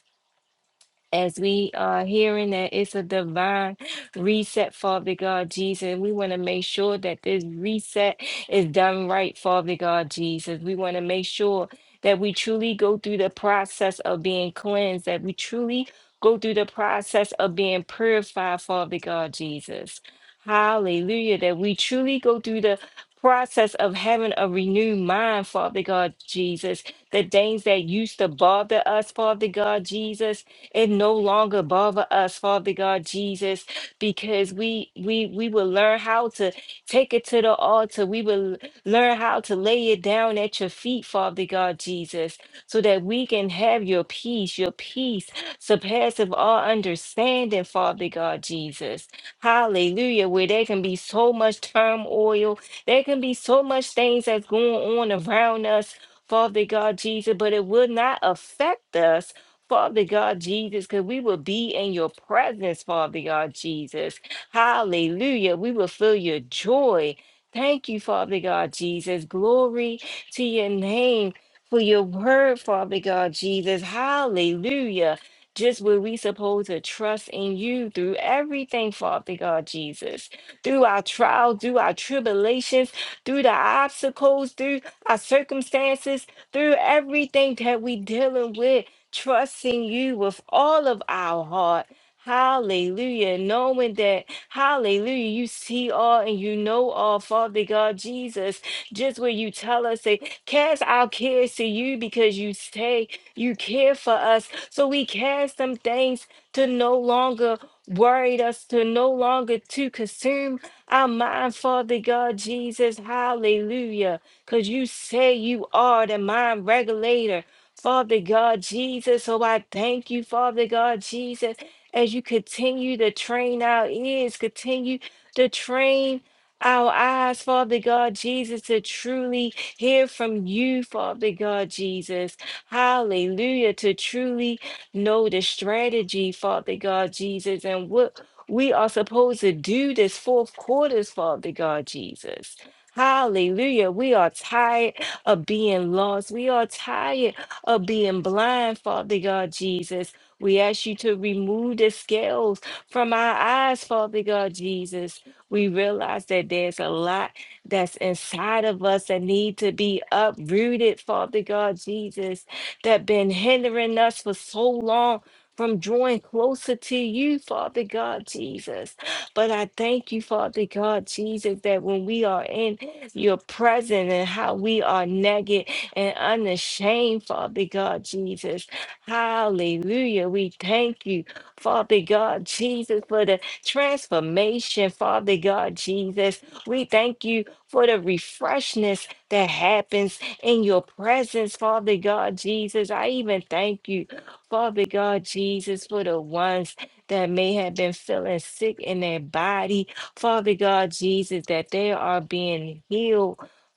D: as we are hearing that it's a divine reset, Father God Jesus. We want to make sure that this reset is done right, Father God Jesus. We want to make sure that we truly go through the process of being cleansed, that we truly go through the process of being purified, Father God Jesus. Hallelujah. That we truly go through the process of having a renewed mind, Father God Jesus. The things that used to bother us, Father God Jesus it no longer bother us, Father God Jesus, because we we we will learn how to take it to the altar. We will learn how to lay it down at your feet, Father God Jesus, so that we can have your peace, your peace surpasseth all understanding, Father God Jesus. Hallelujah. Where there can be so much turmoil, there can be so much things that's going on around us. Father God Jesus, but it will not affect us Father God Jesus, because we will be in your presence, Father God Jesus. Hallelujah. We will feel your joy. Thank you, Father God Jesus. Glory to your name for your word, Father God Jesus. Hallelujah. Just where we supposed to trust in you through everything, Father God Jesus. Through our trials, through our tribulations, through the obstacles, through our circumstances, through everything that we dealing with trusting you with all of our heart. Hallelujah. Knowing that, hallelujah, you see all and you know all, Father God Jesus. Just where you tell us to cast our cares to you because you say you care for us. So we cast some things to no longer worried us, to no longer to consume our mind, Father God Jesus. Hallelujah. Because you say you are the mind regulator. Father God Jesus, oh, I thank you, Father God Jesus, as you continue to train our ears, continue to train our eyes, Father God Jesus, to truly hear from you, Father God Jesus. Hallelujah, to truly know the strategy, Father God Jesus, and what we are supposed to do this fourth quarters, Father God Jesus. Hallelujah. We are tired of being lost. We are tired of being blind, Father God Jesus. We ask you to remove the scales from our eyes, Father God Jesus. We realize that there's a lot that's inside of us that need to be uprooted, Father God Jesus, that been hindering us for so long from drawing closer to you, Father God Jesus. But I thank you, Father God Jesus, that when we are in your presence and how we are naked, and unashamed, Father God Jesus. Hallelujah. We thank you, Father God Jesus, for the transformation, Father God Jesus. We thank you for the refreshness that happens in your presence, Father God Jesus. I even thank you, Father God Jesus, for the ones that may have been feeling sick in their body, Father God Jesus, that they are being healed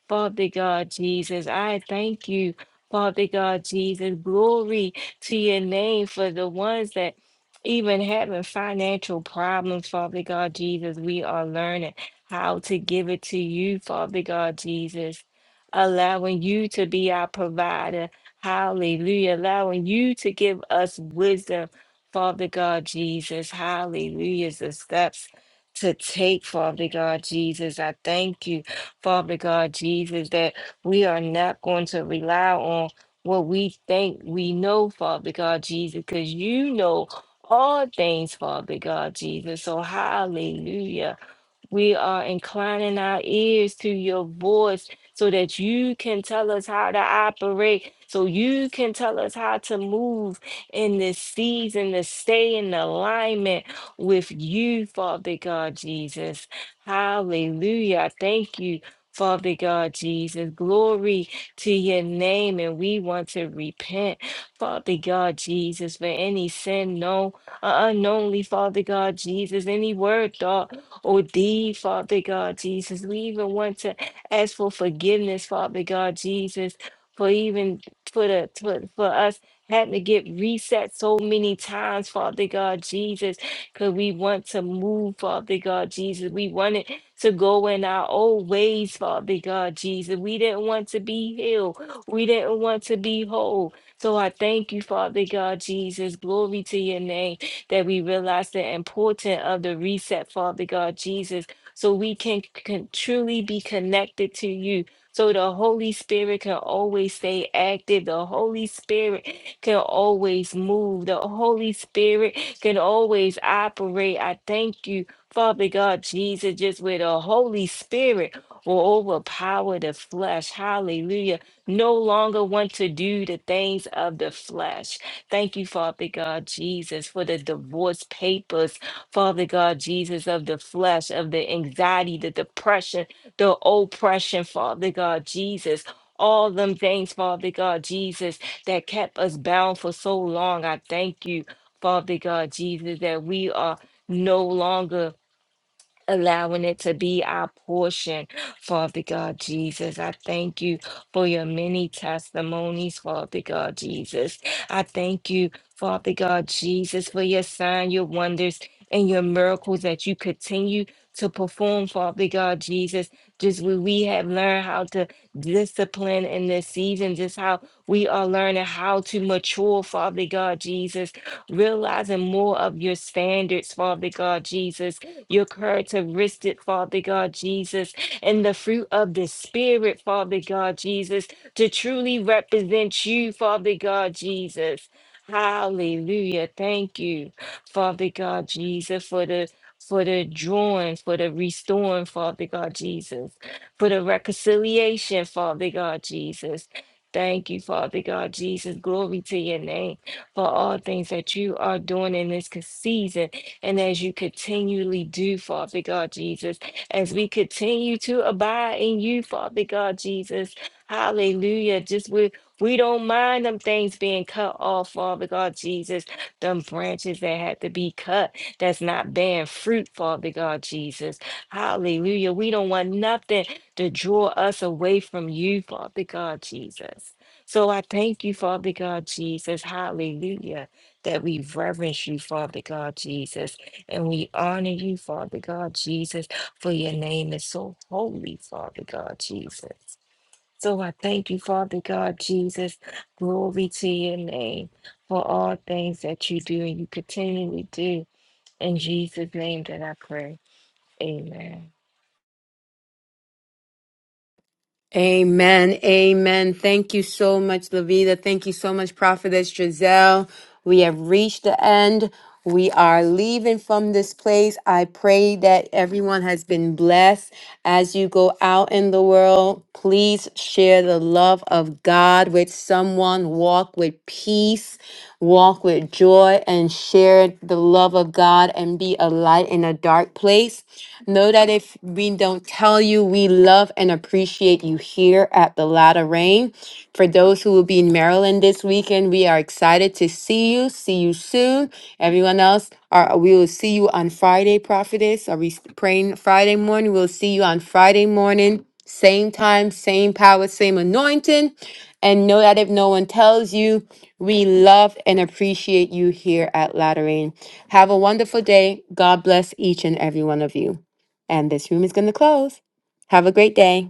D: Father God Jesus. I thank you, Father God Jesus. Glory to your name for the ones that even having financial problems, Father God Jesus. We are learning how to give it to you, Father God Jesus. Allowing you to be our provider. Hallelujah. Allowing you to give us wisdom, Father God Jesus. Hallelujah. The steps to take, Father God Jesus. I thank you. Father God Jesus, that we are not going to rely on what we think we know, Father God Jesus, because you know all things, Father God Jesus. So, hallelujah. We are inclining our ears to your voice so that you can tell us how to operate, so you can tell us how to move in this season to stay in alignment with you, Father God Jesus. Hallelujah. Thank you. Father God Jesus, glory to your name, and we want to repent, Father God Jesus, for any sin known, uh, unknownly, Father God Jesus, any word, thought, oh dear Father God Jesus. We even want to ask for forgiveness, Father God Jesus, for even for the for, for us having to get reset so many times, Father God Jesus, because we want to move, Father God Jesus. We wanted to go in our old ways, Father God Jesus. We didn't want to be healed. We didn't want to be whole. So I thank you, Father God Jesus. Glory to your name that we realize the importance of the reset, Father God Jesus, so we can, can truly be connected to you. So the Holy Spirit can always stay active. The Holy Spirit can always move. The Holy Spirit can always operate. I thank you, Father God Jesus, just where the Holy Spirit will overpower the flesh. Hallelujah. No longer want to do the things of the flesh. Thank you, Father God Jesus, for the divorce papers, Father God Jesus, of the flesh, of the anxiety, the depression, the oppression, Father God Jesus. All them things, Father God Jesus, that kept us bound for so long. I thank you, Father God Jesus, that we are no longer allowing it to be our portion. Father God Jesus, I thank you for your many testimonies, Father God Jesus. I thank you, Father God Jesus, for your sign, your wonders, and your miracles that you continue to perform, Father God Jesus. Just when we have learned how to discipline in this season, just how we are learning how to mature, Father God Jesus, realizing more of your standards, Father God Jesus your characteristic, Father God Jesus, and the fruit of the Spirit, Father God Jesus, to truly represent you, Father God Jesus. Hallelujah. Thank you, Father God Jesus, for the for the drawing, for the restoring, Father God Jesus, for the reconciliation, Father God Jesus. Thank you, Father God Jesus. Glory to your name for all things that you are doing in this season and as you continually do, Father God Jesus, as we continue to abide in you, Father God Jesus. Hallelujah. Just we we don't mind them things being cut off, Father God Jesus. Them branches that had to be cut that's not bearing fruit, Father God Jesus. Hallelujah. We don't want nothing to draw us away from you, Father God Jesus. So I thank you, Father God Jesus. Hallelujah that we reverence you, Father God Jesus, and we honor you, Father God Jesus, for your name is so holy, Father God Jesus. So I thank you, Father God Jesus. Glory to your name for all things that you do and you continually do. In Jesus' name that I pray. Amen.
A: Amen. Amen. Thank you so much, Lavita. Thank you so much, Prophetess Giselle. We have reached the end. We are leaving from this place. I pray that everyone has been blessed. As you go out in the world, please share the love of God with someone. Walk with peace. walk with joy and share the love of God and be a light in a dark place. Know that if we don't tell you, we love and appreciate you here at the Latter Rain. For those who will be in Maryland this weekend, we are excited to see you. See you soon. Everyone else, are, we will see you on Friday, Prophetess. Are we praying Friday morning? We'll see you on Friday morning. Same time, same power, same anointing. And know that if no one tells you, we love and appreciate you here at Lateran. Have a wonderful day. God bless each and every one of you. And this room is going to close. Have a great day.